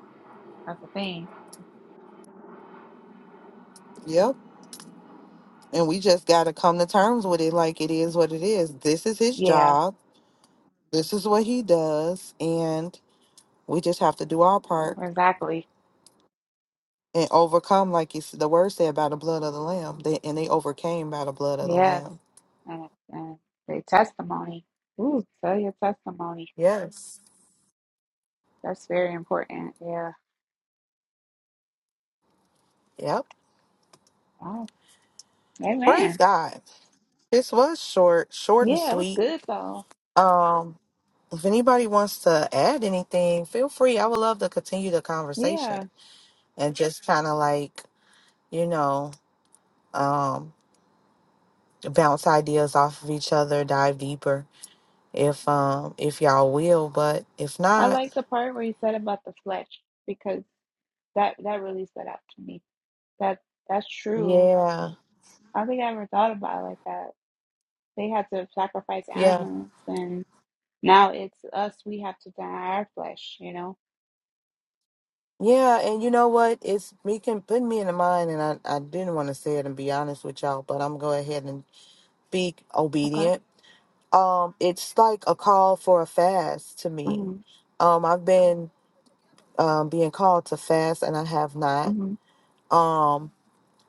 [SPEAKER 2] That's the thing.
[SPEAKER 1] Yep. And we just got to come to terms with it like it is what it is. This is his
[SPEAKER 2] Yeah,
[SPEAKER 1] job. This is what he does. And we just have to do our part
[SPEAKER 2] exactly.
[SPEAKER 1] and overcome, like you, s- the word said, by the blood of the Lamb. They, and they overcame by the blood of the
[SPEAKER 2] Yes.
[SPEAKER 1] Lamb.
[SPEAKER 2] And, and the testimony. Ooh, tell your testimony.
[SPEAKER 1] Yes.
[SPEAKER 2] That's very important. Yeah.
[SPEAKER 1] Yep.
[SPEAKER 2] Wow.
[SPEAKER 1] Praise
[SPEAKER 2] Amen.
[SPEAKER 1] God. This was short, short and
[SPEAKER 2] Yeah, it was
[SPEAKER 1] sweet.
[SPEAKER 2] good though.
[SPEAKER 1] Um. If anybody wants to add anything, feel free. I would love to continue the conversation
[SPEAKER 2] Yeah.
[SPEAKER 1] and just kind of like, you know, um, bounce ideas off of each other, dive deeper if um if y'all will, but if
[SPEAKER 2] I
[SPEAKER 1] not,
[SPEAKER 2] like the part where you said about the flesh because that that really stood out to me. That that's true.
[SPEAKER 1] yeah.
[SPEAKER 2] I don't think I ever thought about it like that. They had to sacrifice
[SPEAKER 1] Yeah.
[SPEAKER 2] animals and. Now it's us, we have to deny our flesh, you know?
[SPEAKER 1] Yeah, and you know what? It's me can put me in the mind and I, I didn't want to say it and be honest with y'all, but I'm going ahead and be
[SPEAKER 2] Okay.
[SPEAKER 1] obedient. Um, it's like a call for a fast to me.
[SPEAKER 2] hmm
[SPEAKER 1] Um, I've been um, being called to fast, and I have not.
[SPEAKER 2] hmm
[SPEAKER 1] Um,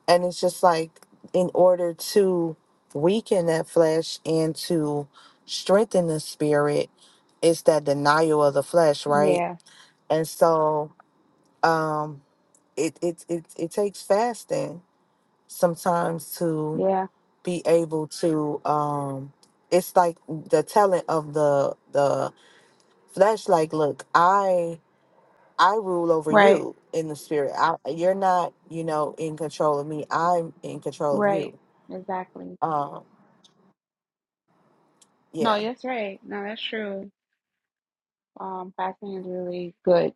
[SPEAKER 1] and it's just like in order to weaken that flesh and to strengthen the spirit, it's that denial of the flesh, right?
[SPEAKER 2] Yeah.
[SPEAKER 1] And so um, it, it it it takes fasting sometimes to
[SPEAKER 2] Yeah.
[SPEAKER 1] be able to. Um, it's like the telling of the the flesh, like, look, I I rule over
[SPEAKER 2] Right.
[SPEAKER 1] you in the spirit. I, you're not, you know, in control of me. I'm in control of
[SPEAKER 2] Right.
[SPEAKER 1] you.
[SPEAKER 2] Exactly.
[SPEAKER 1] Um, yeah.
[SPEAKER 2] No, that's right. No, that's true. Um, fasting is really good.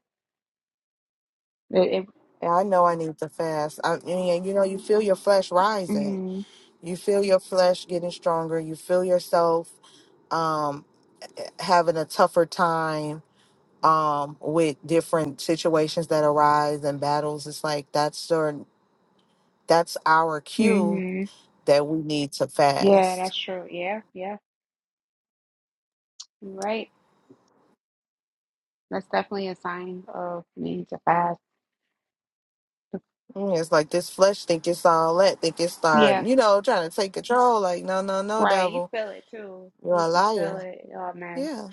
[SPEAKER 2] It, it,
[SPEAKER 1] And I know I need to fast. I mean, you know, you feel your flesh rising.
[SPEAKER 2] hmm
[SPEAKER 1] You feel your flesh getting stronger. You feel yourself um, having a tougher time um, with different situations that arise and battles. It's like that's your, that's our cue
[SPEAKER 2] hmm
[SPEAKER 1] that we need to
[SPEAKER 2] Yeah,
[SPEAKER 1] fast
[SPEAKER 2] that's true. Yeah. Yeah. You're right. That's definitely a sign of needing to fast.
[SPEAKER 1] Mm, It's like this flesh think it's all that, think it's start,
[SPEAKER 2] Yeah.
[SPEAKER 1] you know, trying to take control. Like, no, no, no,
[SPEAKER 2] Right. You
[SPEAKER 1] devil,
[SPEAKER 2] feel it too.
[SPEAKER 1] you're
[SPEAKER 2] You,
[SPEAKER 1] a
[SPEAKER 2] you feel
[SPEAKER 1] liar.
[SPEAKER 2] it. Oh, man.
[SPEAKER 1] Yeah.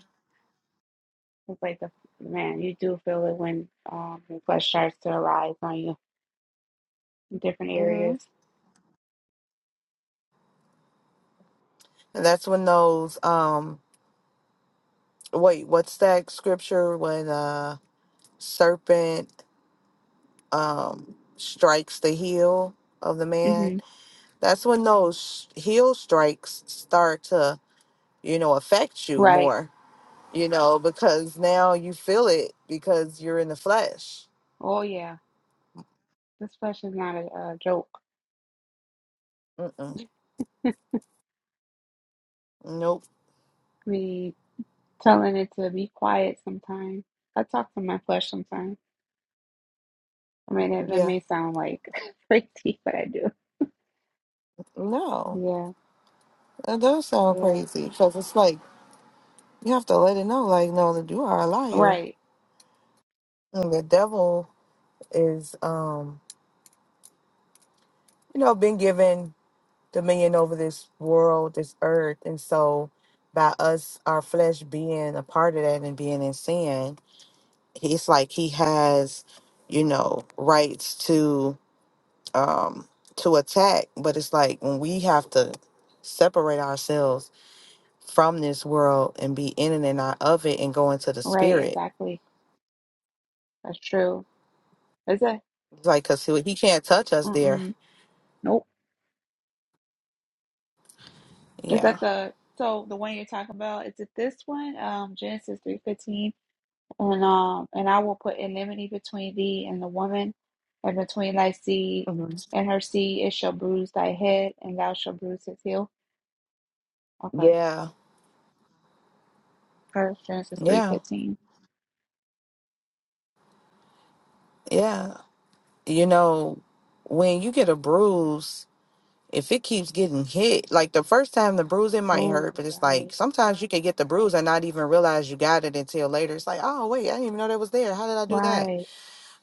[SPEAKER 2] It's like the man, you do feel it when um your flesh starts to arise on you. different
[SPEAKER 1] hmm
[SPEAKER 2] areas.
[SPEAKER 1] And that's when those, um, wait, what's that scripture when uh serpent um strikes the heel of the man?
[SPEAKER 2] hmm
[SPEAKER 1] That's when those heel strikes start to, you know, affect you
[SPEAKER 2] Right.
[SPEAKER 1] more, you know, because now you feel it because you're in the flesh.
[SPEAKER 2] Oh yeah, this flesh is not a, a joke.
[SPEAKER 1] Mm-mm.
[SPEAKER 2] [laughs]
[SPEAKER 1] Nope.
[SPEAKER 2] Me telling it to be quiet sometimes. I talk to my flesh sometimes. I mean, that, that
[SPEAKER 1] Yeah.
[SPEAKER 2] may sound like [laughs] crazy, but I do.
[SPEAKER 1] No.
[SPEAKER 2] Yeah,
[SPEAKER 1] That does sound
[SPEAKER 2] yeah.
[SPEAKER 1] crazy because it's like you have to let it know, like, no, that you are a liar.
[SPEAKER 2] Right,
[SPEAKER 1] And the devil is, um, you know, been given dominion over this world, this earth. And so by us, our flesh being a part of that and being in sin, he's like he has, you know, rights to um to attack. But it's like when we have to separate ourselves from this world and be in and not of it and go into the
[SPEAKER 2] right.
[SPEAKER 1] spirit.
[SPEAKER 2] Exactly. That's true. Is it?
[SPEAKER 1] Like, cause he, he can't touch us there.
[SPEAKER 2] Mm-mm. Nope. Is
[SPEAKER 1] Yeah.
[SPEAKER 2] that the so the one you're talking about? Is it this one? Um, Genesis three fifteen. And um, and I will put enmity between thee and the woman, and between thy seed
[SPEAKER 1] hmm
[SPEAKER 2] and her seed. It shall bruise thy head, and thou shalt bruise his heel. Okay.
[SPEAKER 1] Yeah.
[SPEAKER 2] First Genesis three
[SPEAKER 1] Yeah.
[SPEAKER 2] fifteen.
[SPEAKER 1] Yeah. You know, when you get a bruise, if it keeps getting hit, like the first time the bruise, it might
[SPEAKER 2] Oh,
[SPEAKER 1] hurt, but it's
[SPEAKER 2] right,
[SPEAKER 1] like sometimes you can get the bruise and not even realize you got it until later. It's like, oh, wait, I didn't even know that was there. How did I do that?
[SPEAKER 2] right.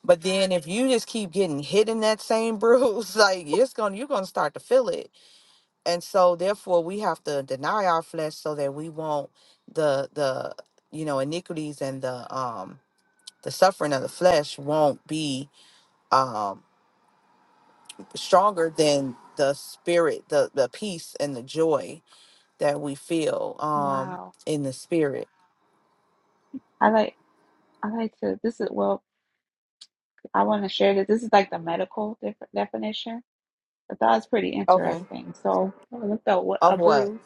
[SPEAKER 1] But then if you just keep getting hit in that same bruise, [laughs] like it's going, to you're going to start to feel it. and so therefore we have to deny our flesh so that we won't the the you know iniquities and the um the suffering of the flesh won't be um stronger than the spirit the the peace and the joy that we feel um
[SPEAKER 2] Wow.
[SPEAKER 1] in the spirit
[SPEAKER 2] I like. I like to. This is well. I want to share that this is like the medical def- definition. I thought it's pretty
[SPEAKER 1] okay
[SPEAKER 2] interesting. So I looked up what a
[SPEAKER 1] of what
[SPEAKER 2] bruise.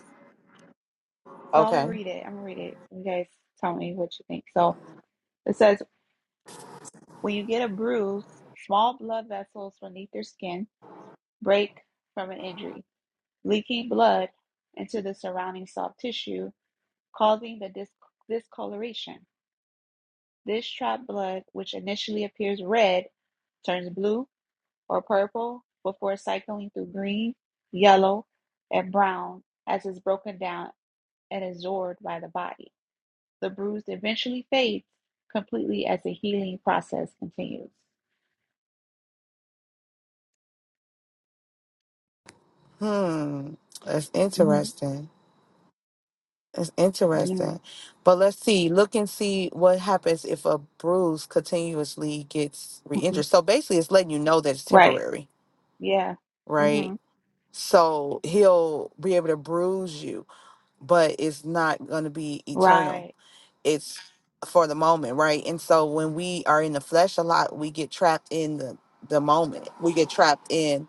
[SPEAKER 2] So I'm gonna
[SPEAKER 1] okay
[SPEAKER 2] read it. I'm gonna read it. You guys tell me what you think. So it says When you get a bruise, small blood vessels beneath your skin break from an injury, leaking blood into the surrounding soft tissue, causing the dis- discoloration. This trapped blood, which initially appears red, turns blue or purple before cycling through green, yellow, and brown as it's broken down and absorbed by the body. The bruise eventually fades completely as the healing process continues.
[SPEAKER 1] hmm that's
[SPEAKER 2] Mhm.
[SPEAKER 1] interesting It's
[SPEAKER 2] Yeah.
[SPEAKER 1] interesting. But let's see, look and see what happens if a bruise continuously gets re
[SPEAKER 2] Mhm.
[SPEAKER 1] injured. So basically, it's letting you know that it's
[SPEAKER 2] Right.
[SPEAKER 1] temporary,
[SPEAKER 2] Yeah.
[SPEAKER 1] right?
[SPEAKER 2] hmm
[SPEAKER 1] So he'll be able to bruise you, but it's not going to be eternal.
[SPEAKER 2] Right.
[SPEAKER 1] It's for the moment, right? And so when we are in the flesh a lot, we get trapped in the, the moment, we get trapped in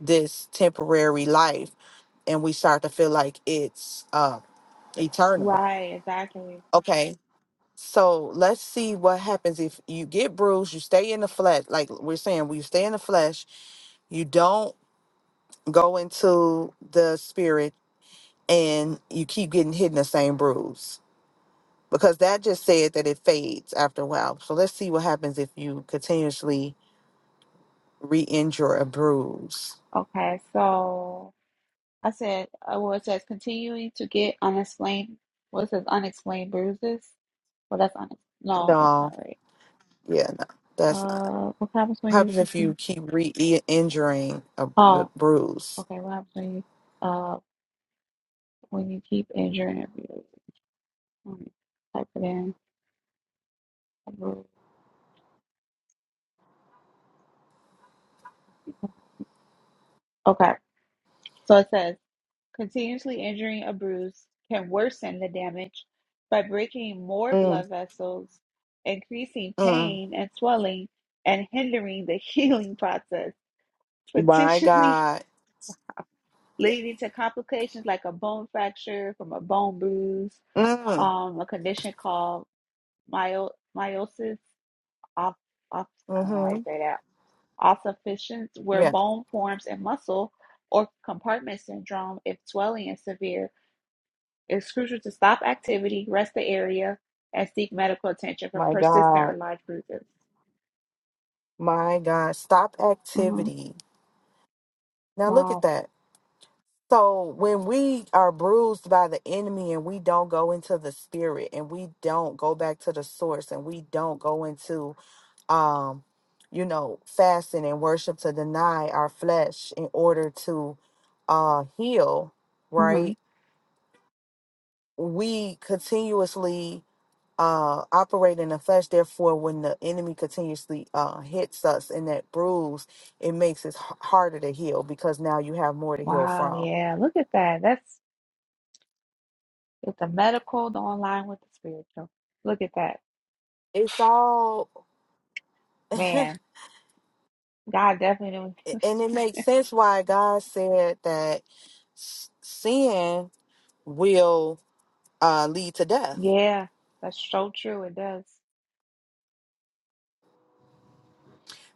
[SPEAKER 1] this temporary life, and we start to feel like it's uh, eternal.
[SPEAKER 2] Right. Exactly.
[SPEAKER 1] Okay, So let's see what happens if you get bruised, you stay in the flesh, like we're saying, we stay in the flesh, you don't go into the spirit, and you keep getting hit in the same bruise. Because that just said that it fades after a while. So let's see what happens if you continuously re injure a bruise.
[SPEAKER 2] Okay. So I said, uh, well, it says continuing to get unexplained. What it says unexplained bruises. Well, that's unex. No, that's not
[SPEAKER 1] No,
[SPEAKER 2] right.
[SPEAKER 1] yeah, no, that's not.
[SPEAKER 2] Uh, what happens
[SPEAKER 1] What
[SPEAKER 2] when you
[SPEAKER 1] happens if
[SPEAKER 2] continue?
[SPEAKER 1] you keep re injuring a b-
[SPEAKER 2] Oh,
[SPEAKER 1] bruise?
[SPEAKER 2] okay. What happens when you uh when you keep injuring your bruises? Let me Type it in. Bruise. Okay. So it says. Continuously injuring a bruise can worsen the damage by breaking more
[SPEAKER 1] Mm,
[SPEAKER 2] blood vessels, increasing
[SPEAKER 1] mm,
[SPEAKER 2] pain and swelling, and hindering the [laughs] healing process,
[SPEAKER 1] my
[SPEAKER 2] potentially
[SPEAKER 1] God.
[SPEAKER 2] leading to complications like a bone fracture from a bone bruise,
[SPEAKER 1] Mm,
[SPEAKER 2] um, a condition called myo- meiosis, off, off, I don't know
[SPEAKER 1] mhm.
[SPEAKER 2] how you say that, ossificans, where
[SPEAKER 1] Yeah.
[SPEAKER 2] bone forms in muscle, or compartment syndrome if swelling is severe It's crucial to stop activity, rest the area, and seek medical attention for
[SPEAKER 1] My
[SPEAKER 2] persistent
[SPEAKER 1] God.
[SPEAKER 2] or large bruises.
[SPEAKER 1] My God. Stop
[SPEAKER 2] hmm
[SPEAKER 1] activity. Now look at
[SPEAKER 2] Wow.
[SPEAKER 1] that. So when we are bruised by the enemy and we don't go into the spirit and we don't go back to the source and we don't go into um you know fasting and worship to deny our flesh in order to uh heal,
[SPEAKER 2] hmm
[SPEAKER 1] right? We continuously uh, operate in the flesh. Therefore, when the enemy continuously uh, hits us in that bruise, it makes it h- harder to heal because now you have more to heal
[SPEAKER 2] Wow.
[SPEAKER 1] from.
[SPEAKER 2] Yeah. Look at that. That's it's the medical, the online with the spiritual. Look at that.
[SPEAKER 1] It's all, [laughs] and
[SPEAKER 2] Man, God definitely knows.
[SPEAKER 1] it
[SPEAKER 2] [laughs]
[SPEAKER 1] makes sense why God said that s- sin will uh, lead to death,
[SPEAKER 2] Yeah, that's so true. It does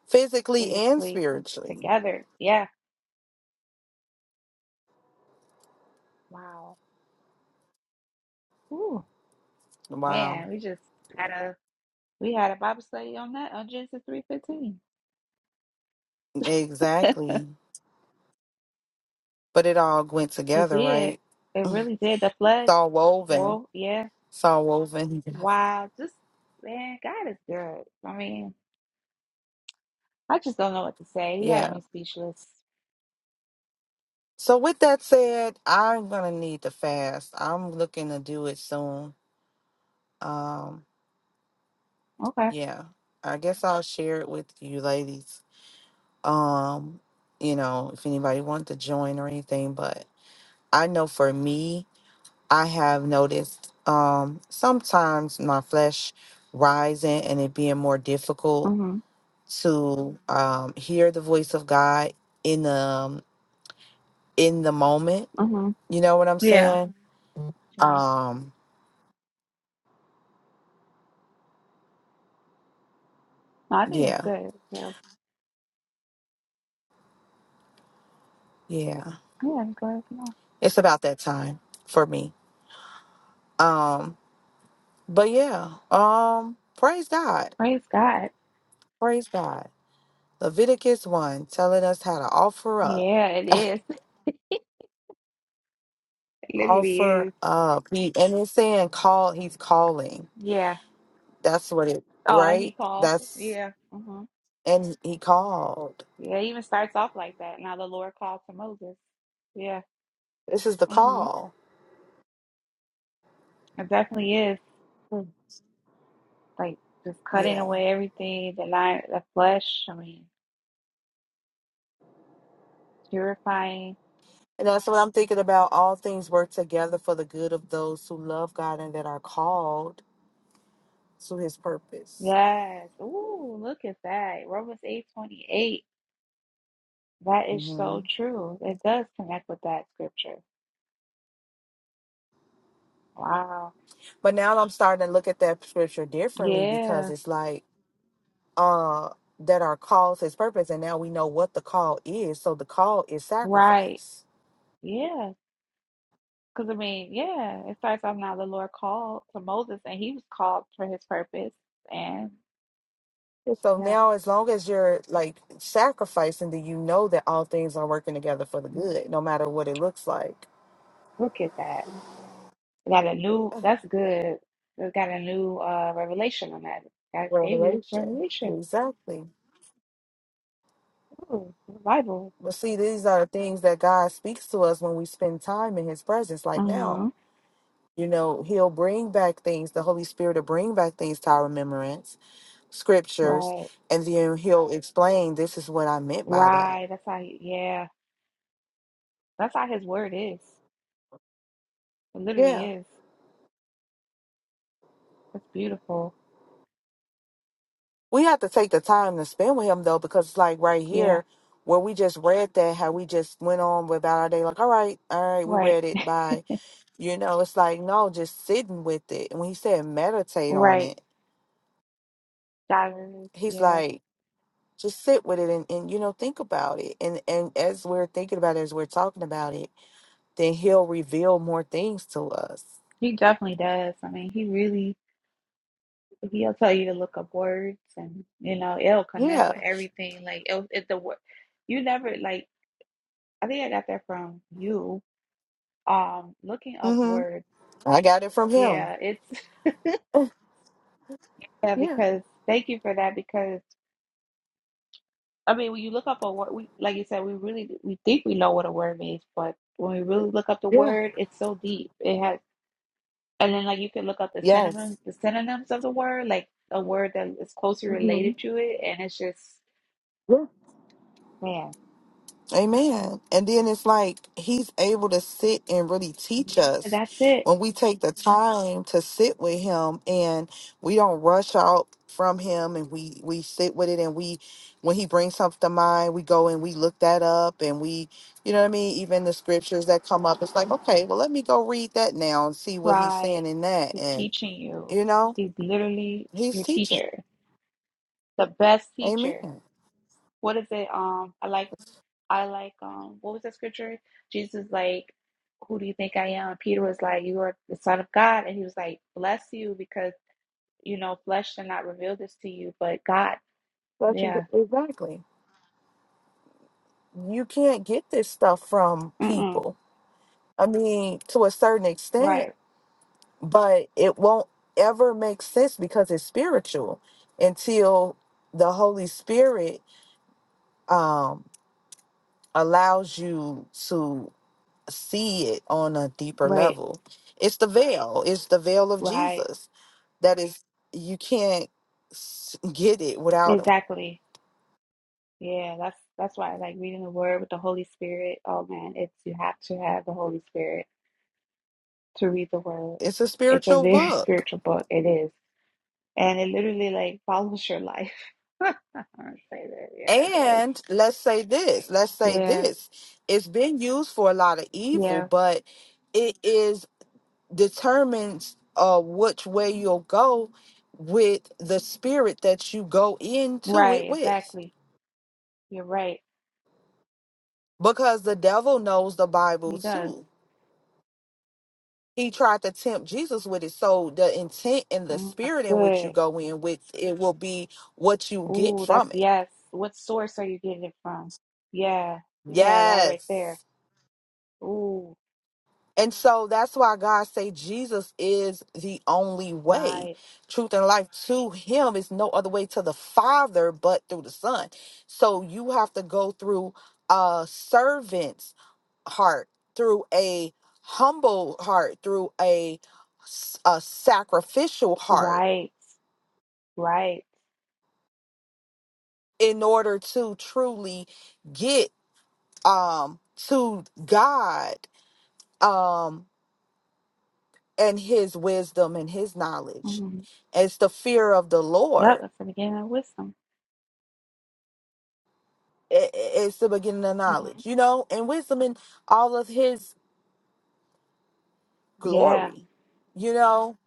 [SPEAKER 1] physically and
[SPEAKER 2] spiritually
[SPEAKER 1] spiritually.
[SPEAKER 2] together. Yeah. Wow. Ooh,
[SPEAKER 1] Wow,
[SPEAKER 2] man, we just had a we had a Bible study on that on Genesis three fifteen. [laughs]
[SPEAKER 1] exactly. But it all went
[SPEAKER 2] It
[SPEAKER 1] together,
[SPEAKER 2] did.
[SPEAKER 1] right?
[SPEAKER 2] It really did. The
[SPEAKER 1] It's
[SPEAKER 2] flesh.
[SPEAKER 1] all woven.
[SPEAKER 2] Well, yeah.
[SPEAKER 1] It's all woven. [laughs]
[SPEAKER 2] Wow. Just man, God is good. I mean, I just don't know what to say. He has
[SPEAKER 1] Yeah.
[SPEAKER 2] me speechless.
[SPEAKER 1] So with that said, I'm gonna need to fast. I'm looking to do it soon. Um,
[SPEAKER 2] Okay.
[SPEAKER 1] yeah. I guess I'll share it with you ladies. Um, you know, if anybody wants to join or anything, but I know for me, I have noticed um sometimes my flesh rising and it being more difficult
[SPEAKER 2] Mhm.
[SPEAKER 1] to um hear the voice of God in the in the moment.
[SPEAKER 2] Mhm.
[SPEAKER 1] You know what I'm
[SPEAKER 2] Yeah.
[SPEAKER 1] saying?
[SPEAKER 2] To me.
[SPEAKER 1] Um,
[SPEAKER 2] No, I think it's
[SPEAKER 1] yeah
[SPEAKER 2] good. Yeah.
[SPEAKER 1] Yeah.
[SPEAKER 2] Yeah. It's good. No.
[SPEAKER 1] It's about that time for me. Um, but yeah, um, praise God.
[SPEAKER 2] Praise God.
[SPEAKER 1] Praise God. Leviticus one telling us how to offer up.
[SPEAKER 2] Yeah, it is. [laughs] It literally
[SPEAKER 1] Offer
[SPEAKER 2] is.
[SPEAKER 1] up. He and it's saying call he's calling.
[SPEAKER 2] Yeah.
[SPEAKER 1] That's what it
[SPEAKER 2] Oh, and
[SPEAKER 1] right?
[SPEAKER 2] he called.
[SPEAKER 1] That's
[SPEAKER 2] Yeah. Mhm.
[SPEAKER 1] and he called.
[SPEAKER 2] Yeah. It even starts off like that. Now the Lord called to Moses. Yeah.
[SPEAKER 1] This is the
[SPEAKER 2] Mhm.
[SPEAKER 1] call.
[SPEAKER 2] It definitely is. like just cutting
[SPEAKER 1] Yeah.
[SPEAKER 2] away everything, the line, the flesh. I mean, purifying.
[SPEAKER 1] And that's what I'm thinking about. All things work together for the good of those who love God and that are called to his purpose.
[SPEAKER 2] Yes. Ooh, look at that. Romans eight twenty eight. That is so true. It does connect with that scripture. Wow.
[SPEAKER 1] But now I'm starting to look at that scripture differently because
[SPEAKER 2] Yeah.
[SPEAKER 1] it's like uh that our call is purpose and now we know what the call is. So the call is
[SPEAKER 2] Right.
[SPEAKER 1] sacrifice.
[SPEAKER 2] Yeah. Because I mean, yeah, it starts off now. The Lord called to Moses, and he was called for his purpose. And
[SPEAKER 1] And So
[SPEAKER 2] yeah,
[SPEAKER 1] now as long as you're like sacrificing then you know that all things are working together for the
[SPEAKER 2] Mm,
[SPEAKER 1] good, no matter what it looks like.
[SPEAKER 2] look at that. I got a new,
[SPEAKER 1] [sighs]
[SPEAKER 2] that's good. I got a new uh, revelation on that. Got David's
[SPEAKER 1] Revelation.
[SPEAKER 2] revelation.
[SPEAKER 1] Exactly.
[SPEAKER 2] Ooh, the Bible.
[SPEAKER 1] But see, these are things that God speaks to us when we spend time in his presence. Like now,
[SPEAKER 2] Uh-huh.
[SPEAKER 1] you know, he'll bring back things, the Holy Spirit will bring back things to our remembrance scriptures
[SPEAKER 2] Right.
[SPEAKER 1] and then he'll explain this is what I meant by that.
[SPEAKER 2] Right. That's how, he- yeah. That's how his word is. It literally
[SPEAKER 1] Yeah.
[SPEAKER 2] is. That's beautiful.
[SPEAKER 1] We have to take the time to spend with him though, because it's like right
[SPEAKER 2] Yeah.
[SPEAKER 1] here where we just read that, how we just went on without our day, like, all right, all right, we
[SPEAKER 2] Right.
[SPEAKER 1] read it by you know, it's like no, just sitting with it. And when he said meditate on
[SPEAKER 2] Right.
[SPEAKER 1] it,
[SPEAKER 2] God is,
[SPEAKER 1] he's
[SPEAKER 2] yeah.
[SPEAKER 1] like, just sit with it and, and you know, think about it. And and as we're thinking about it, as we're talking about it, then he'll reveal more things to us.
[SPEAKER 2] He definitely does. I mean, he really, he'll tell you to look up words and, you know, it'll connect
[SPEAKER 1] Yeah.
[SPEAKER 2] with everything. Like, it'll, it, the word, you never, like, I think I got that from you Um, looking up
[SPEAKER 1] Mm-hmm.
[SPEAKER 2] words.
[SPEAKER 1] I got it from him.
[SPEAKER 2] Yeah, it's [laughs] yeah,
[SPEAKER 1] Yeah.
[SPEAKER 2] because thank you for that because I mean when you look up a word we like you said, we really we think we know what a word means, but when we really look up the
[SPEAKER 1] Yeah.
[SPEAKER 2] word, it's so deep. It has and then like you can look up the synonym
[SPEAKER 1] Yes.
[SPEAKER 2] the synonyms of the word, like a word that is closely
[SPEAKER 1] hmm
[SPEAKER 2] related to it and it's just
[SPEAKER 1] Yeah.
[SPEAKER 2] man,
[SPEAKER 1] Amen. And then it's like he's able to sit and really teach
[SPEAKER 2] yeah,
[SPEAKER 1] us
[SPEAKER 2] that's it.
[SPEAKER 1] when we take the time to sit with him and we don't rush out from him and we we sit with it and we when he brings something to mind we go and we look that up and we you know what I mean even the scriptures that come up it's like okay well let me go read that now and see what he's
[SPEAKER 2] Right.
[SPEAKER 1] saying in that
[SPEAKER 2] He's
[SPEAKER 1] and
[SPEAKER 2] teaching you.
[SPEAKER 1] you know
[SPEAKER 2] He's literally
[SPEAKER 1] he's
[SPEAKER 2] your
[SPEAKER 1] teaching
[SPEAKER 2] teacher, the best
[SPEAKER 1] amen
[SPEAKER 2] teacher. What is it? Um, I like. I like um what was that scripture? Jesus like, Who do you think I am? Peter was like, You are the son of God and he was like, Bless you because you know, flesh did not reveal this to you, but God.
[SPEAKER 1] Such a good-
[SPEAKER 2] Yeah.
[SPEAKER 1] exactly you can't get this stuff from
[SPEAKER 2] Mm-mm.
[SPEAKER 1] people. I mean, to a certain extent,
[SPEAKER 2] Right,
[SPEAKER 1] but it won't ever make sense because it's spiritual until the Holy Spirit um, allows you to see it on a deeper
[SPEAKER 2] right,
[SPEAKER 1] level. It's the veil, it's the veil of
[SPEAKER 2] right.
[SPEAKER 1] Jesus that is, you can't s- get it without him.
[SPEAKER 2] Exactly. Yeah, that's that's why I like reading the word with the Holy Spirit. Oh man, it's you have to have the Holy Spirit to read the word.
[SPEAKER 1] It's a
[SPEAKER 2] It's a
[SPEAKER 1] spiritual
[SPEAKER 2] very [laughs]
[SPEAKER 1] book.
[SPEAKER 2] spiritual book. It is. And it literally like follows your life. [laughs] I would say that. Yeah, it does.
[SPEAKER 1] And let's say this, let's say
[SPEAKER 2] Yeah.
[SPEAKER 1] this. It's been used for a lot of evil,
[SPEAKER 2] Yeah.
[SPEAKER 1] but it is determines uh which way you'll go with the spirit that you go into it
[SPEAKER 2] Right,
[SPEAKER 1] with.
[SPEAKER 2] exactly. You're right.
[SPEAKER 1] Because the devil knows the
[SPEAKER 2] He
[SPEAKER 1] Bible
[SPEAKER 2] does.
[SPEAKER 1] too. He tried to tempt Jesus with it. So the intent and the
[SPEAKER 2] Mm, that's
[SPEAKER 1] spirit in which you
[SPEAKER 2] good.
[SPEAKER 1] go in with it will be what you get
[SPEAKER 2] Ooh, that's
[SPEAKER 1] from it.
[SPEAKER 2] yes. What source are you getting it from? Yeah, yeah, that right there.
[SPEAKER 1] Yes.
[SPEAKER 2] Ooh,
[SPEAKER 1] And so that's why God say Jesus is the only way,
[SPEAKER 2] right,
[SPEAKER 1] truth and life to him is no other way to the Father but through the Son. So you have to go through a servant's heart, through a humble heart, through a, s- a sacrificial heart
[SPEAKER 2] right, right.
[SPEAKER 1] in order to truly get um to God. Um and his wisdom and his knowledge.
[SPEAKER 2] Mm.
[SPEAKER 1] It's the fear of the
[SPEAKER 2] Yep,
[SPEAKER 1] Lord.
[SPEAKER 2] that's the beginning of wisdom.
[SPEAKER 1] I- I- It's the beginning of
[SPEAKER 2] hmm
[SPEAKER 1] knowledge, you know, and wisdom in all of his
[SPEAKER 2] Yeah,
[SPEAKER 1] glory. You know,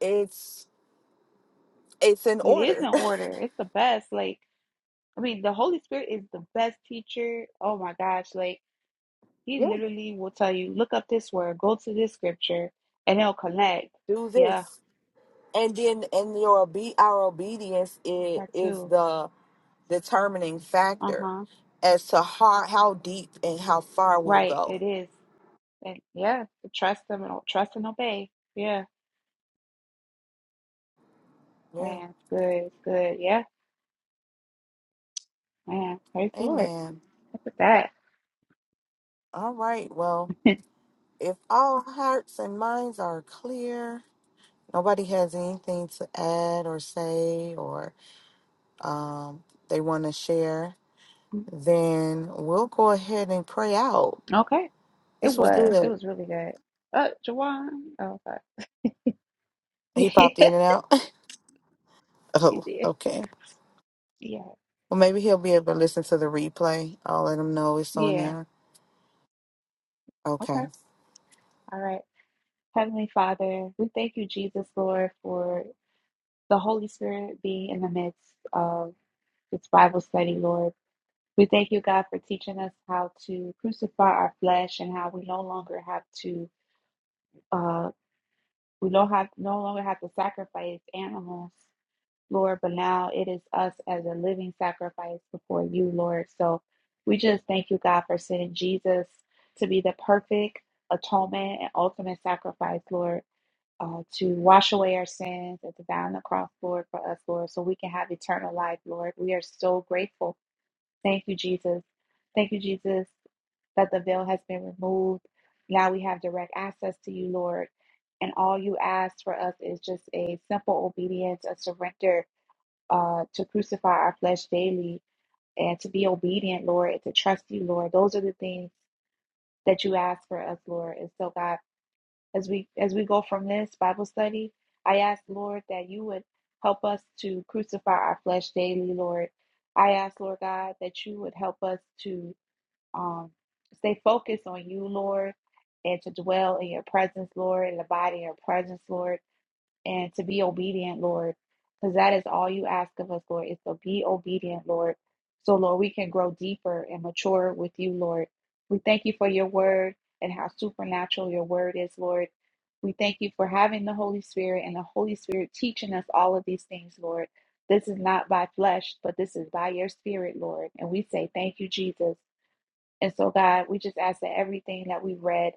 [SPEAKER 1] it's it's in
[SPEAKER 2] it is in
[SPEAKER 1] order. [laughs]
[SPEAKER 2] order. It's the best. Like, I mean, the Holy Spirit is the best teacher. Oh my gosh, like he
[SPEAKER 1] yeah,
[SPEAKER 2] literally will tell you, look up this word, go to this scripture, and it'll connect.
[SPEAKER 1] do
[SPEAKER 2] Yeah,
[SPEAKER 1] this, and then and your obe- our obedience is,
[SPEAKER 2] that
[SPEAKER 1] is
[SPEAKER 2] too.
[SPEAKER 1] the determining factor
[SPEAKER 2] Uh-huh.
[SPEAKER 1] as to how how deep and how far we'll
[SPEAKER 2] Right, it
[SPEAKER 1] go.
[SPEAKER 2] is. And yeah, trust them and o- trust and obey. Yeah,
[SPEAKER 1] Yeah,
[SPEAKER 2] man, it's good. It's good. Yeah, man, praise the Lord.
[SPEAKER 1] Amen.
[SPEAKER 2] Look at
[SPEAKER 1] All right. Well,
[SPEAKER 2] that. [laughs]
[SPEAKER 1] if all hearts and minds are clear. Nobody has anything to add or say, or um, they want to share. Then we'll go ahead and pray out.
[SPEAKER 2] Okay, it
[SPEAKER 1] This was
[SPEAKER 2] was. It
[SPEAKER 1] good.
[SPEAKER 2] was really good. Uh, Jawan. Oh, sorry. [laughs]
[SPEAKER 1] He
[SPEAKER 2] Yeah,
[SPEAKER 1] popped in and out. [laughs]
[SPEAKER 2] you
[SPEAKER 1] oh,
[SPEAKER 2] did.
[SPEAKER 1] okay.
[SPEAKER 2] Yeah,
[SPEAKER 1] Well, maybe he'll be able to listen to the replay. I'll let him know it's on
[SPEAKER 2] yeah.
[SPEAKER 1] there. Okay.
[SPEAKER 2] Okay, all right. Heavenly Father, we thank you, Jesus, Lord, for the Holy Spirit being in the midst of this Bible study, Lord. We thank you, God, for teaching us how to crucify our flesh and how we no longer have to, uh, we no, have, no longer have to sacrifice animals, Lord, but now it is us as a living sacrifice before you, Lord. So we just thank you, God, for sending Jesus to be the perfect atonement and ultimate sacrifice, Lord, uh, to wash away our sins and to die on the cross, Lord, for us, Lord, so we can have eternal life, Lord. We are so grateful. Thank you, Jesus. Thank you, Jesus that the veil has been removed. Now we have direct access to you, Lord. And all you ask for us is just a simple obedience, a surrender uh, to crucify our flesh daily and to be obedient, Lord, and to trust you, Lord. Those are the things that you ask for us, Lord. And so, God, as we as we go from this Bible study, I ask, Lord, that you would help us to crucify our flesh daily, Lord. I ask, Lord God, that you would help us to um, stay focused on you, Lord, and to dwell in your presence, Lord, and abide in your presence, Lord, and to be obedient, Lord, because that is all you ask of us, Lord, is to be obedient, Lord. So, Lord, we can grow deeper and mature with you, Lord. We thank you for your word and how supernatural your word is, Lord. We thank you for having the Holy Spirit and the Holy Spirit teaching us all of these things, Lord. This is not by flesh, but this is by your spirit, Lord. And we say, Thank you, Jesus. And so, God, we just ask that everything that we read,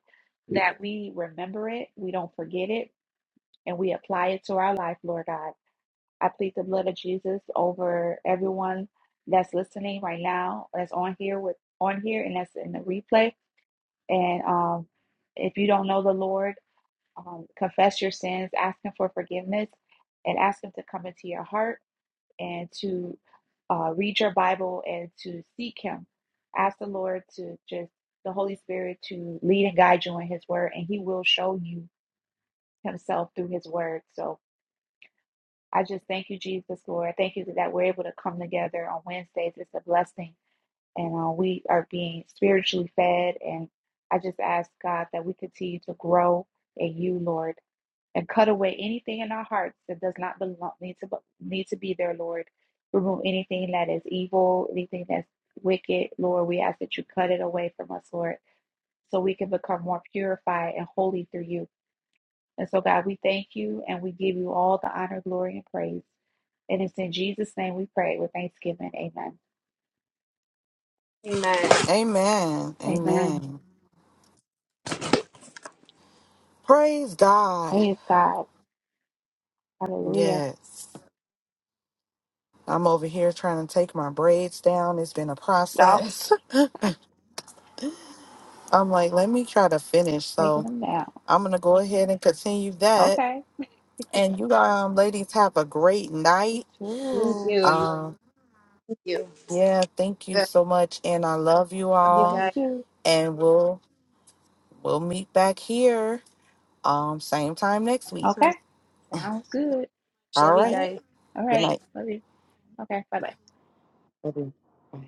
[SPEAKER 2] that we remember it, we don't forget it, and we apply it to our life, Lord God. I plead the blood of Jesus over everyone that's listening right now, that's on here with on here, and that's in the replay. And um, if you don't know the Lord, um, confess your sins, ask Him for forgiveness, and ask Him to come into your heart and to uh, read your Bible and to seek Him. Ask the Lord to just the Holy Spirit to lead and guide you in His Word, and He will show you Himself through His Word. So I just thank you, Jesus, Lord. Thank you that we're able to come together on Wednesdays. It's a blessing, and uh, we are being spiritually fed. And I just ask God that we continue to grow in You, Lord and cut away anything in our hearts that does not belong need to need to be there, Lord. Remove anything that is evil, anything that's wicked, Lord. We ask that you cut it away from us, Lord, so we can become more purified and holy through you. And so, God, we thank you and we give you all the honor, glory, and praise. And it's in Jesus' name we pray with thanksgiving. Amen.
[SPEAKER 3] amen.
[SPEAKER 1] Amen.
[SPEAKER 2] Amen.
[SPEAKER 1] Amen. Praise God.
[SPEAKER 2] Praise God. Hallelujah.
[SPEAKER 1] Yes. I'm over here trying to take my braids down. It's been a
[SPEAKER 2] Y'all
[SPEAKER 1] process. [laughs] I'm like, let me try to finish.
[SPEAKER 2] taking
[SPEAKER 1] So
[SPEAKER 2] them down.
[SPEAKER 1] I'm going to go ahead and continue that
[SPEAKER 2] Okay.
[SPEAKER 1] And you um ladies have a great
[SPEAKER 2] You
[SPEAKER 1] night.
[SPEAKER 3] Thank
[SPEAKER 2] too.
[SPEAKER 3] you. You-
[SPEAKER 1] Um
[SPEAKER 3] Thank you.
[SPEAKER 1] yeah, thank you
[SPEAKER 3] Good.
[SPEAKER 1] so much and I love you
[SPEAKER 3] Love
[SPEAKER 2] I
[SPEAKER 3] you
[SPEAKER 2] love you
[SPEAKER 1] all
[SPEAKER 3] guys.
[SPEAKER 2] too.
[SPEAKER 1] and we'll we'll meet back here um same time next
[SPEAKER 3] So
[SPEAKER 1] week.
[SPEAKER 2] Okay.
[SPEAKER 3] much.
[SPEAKER 2] Sounds good.
[SPEAKER 1] All
[SPEAKER 3] Love you
[SPEAKER 2] All
[SPEAKER 1] right.
[SPEAKER 2] right.
[SPEAKER 3] guys.
[SPEAKER 2] All
[SPEAKER 1] Good
[SPEAKER 2] right.
[SPEAKER 3] Night.
[SPEAKER 1] night.
[SPEAKER 2] Love you. Okay. Bye bye.
[SPEAKER 1] Love you. Bye.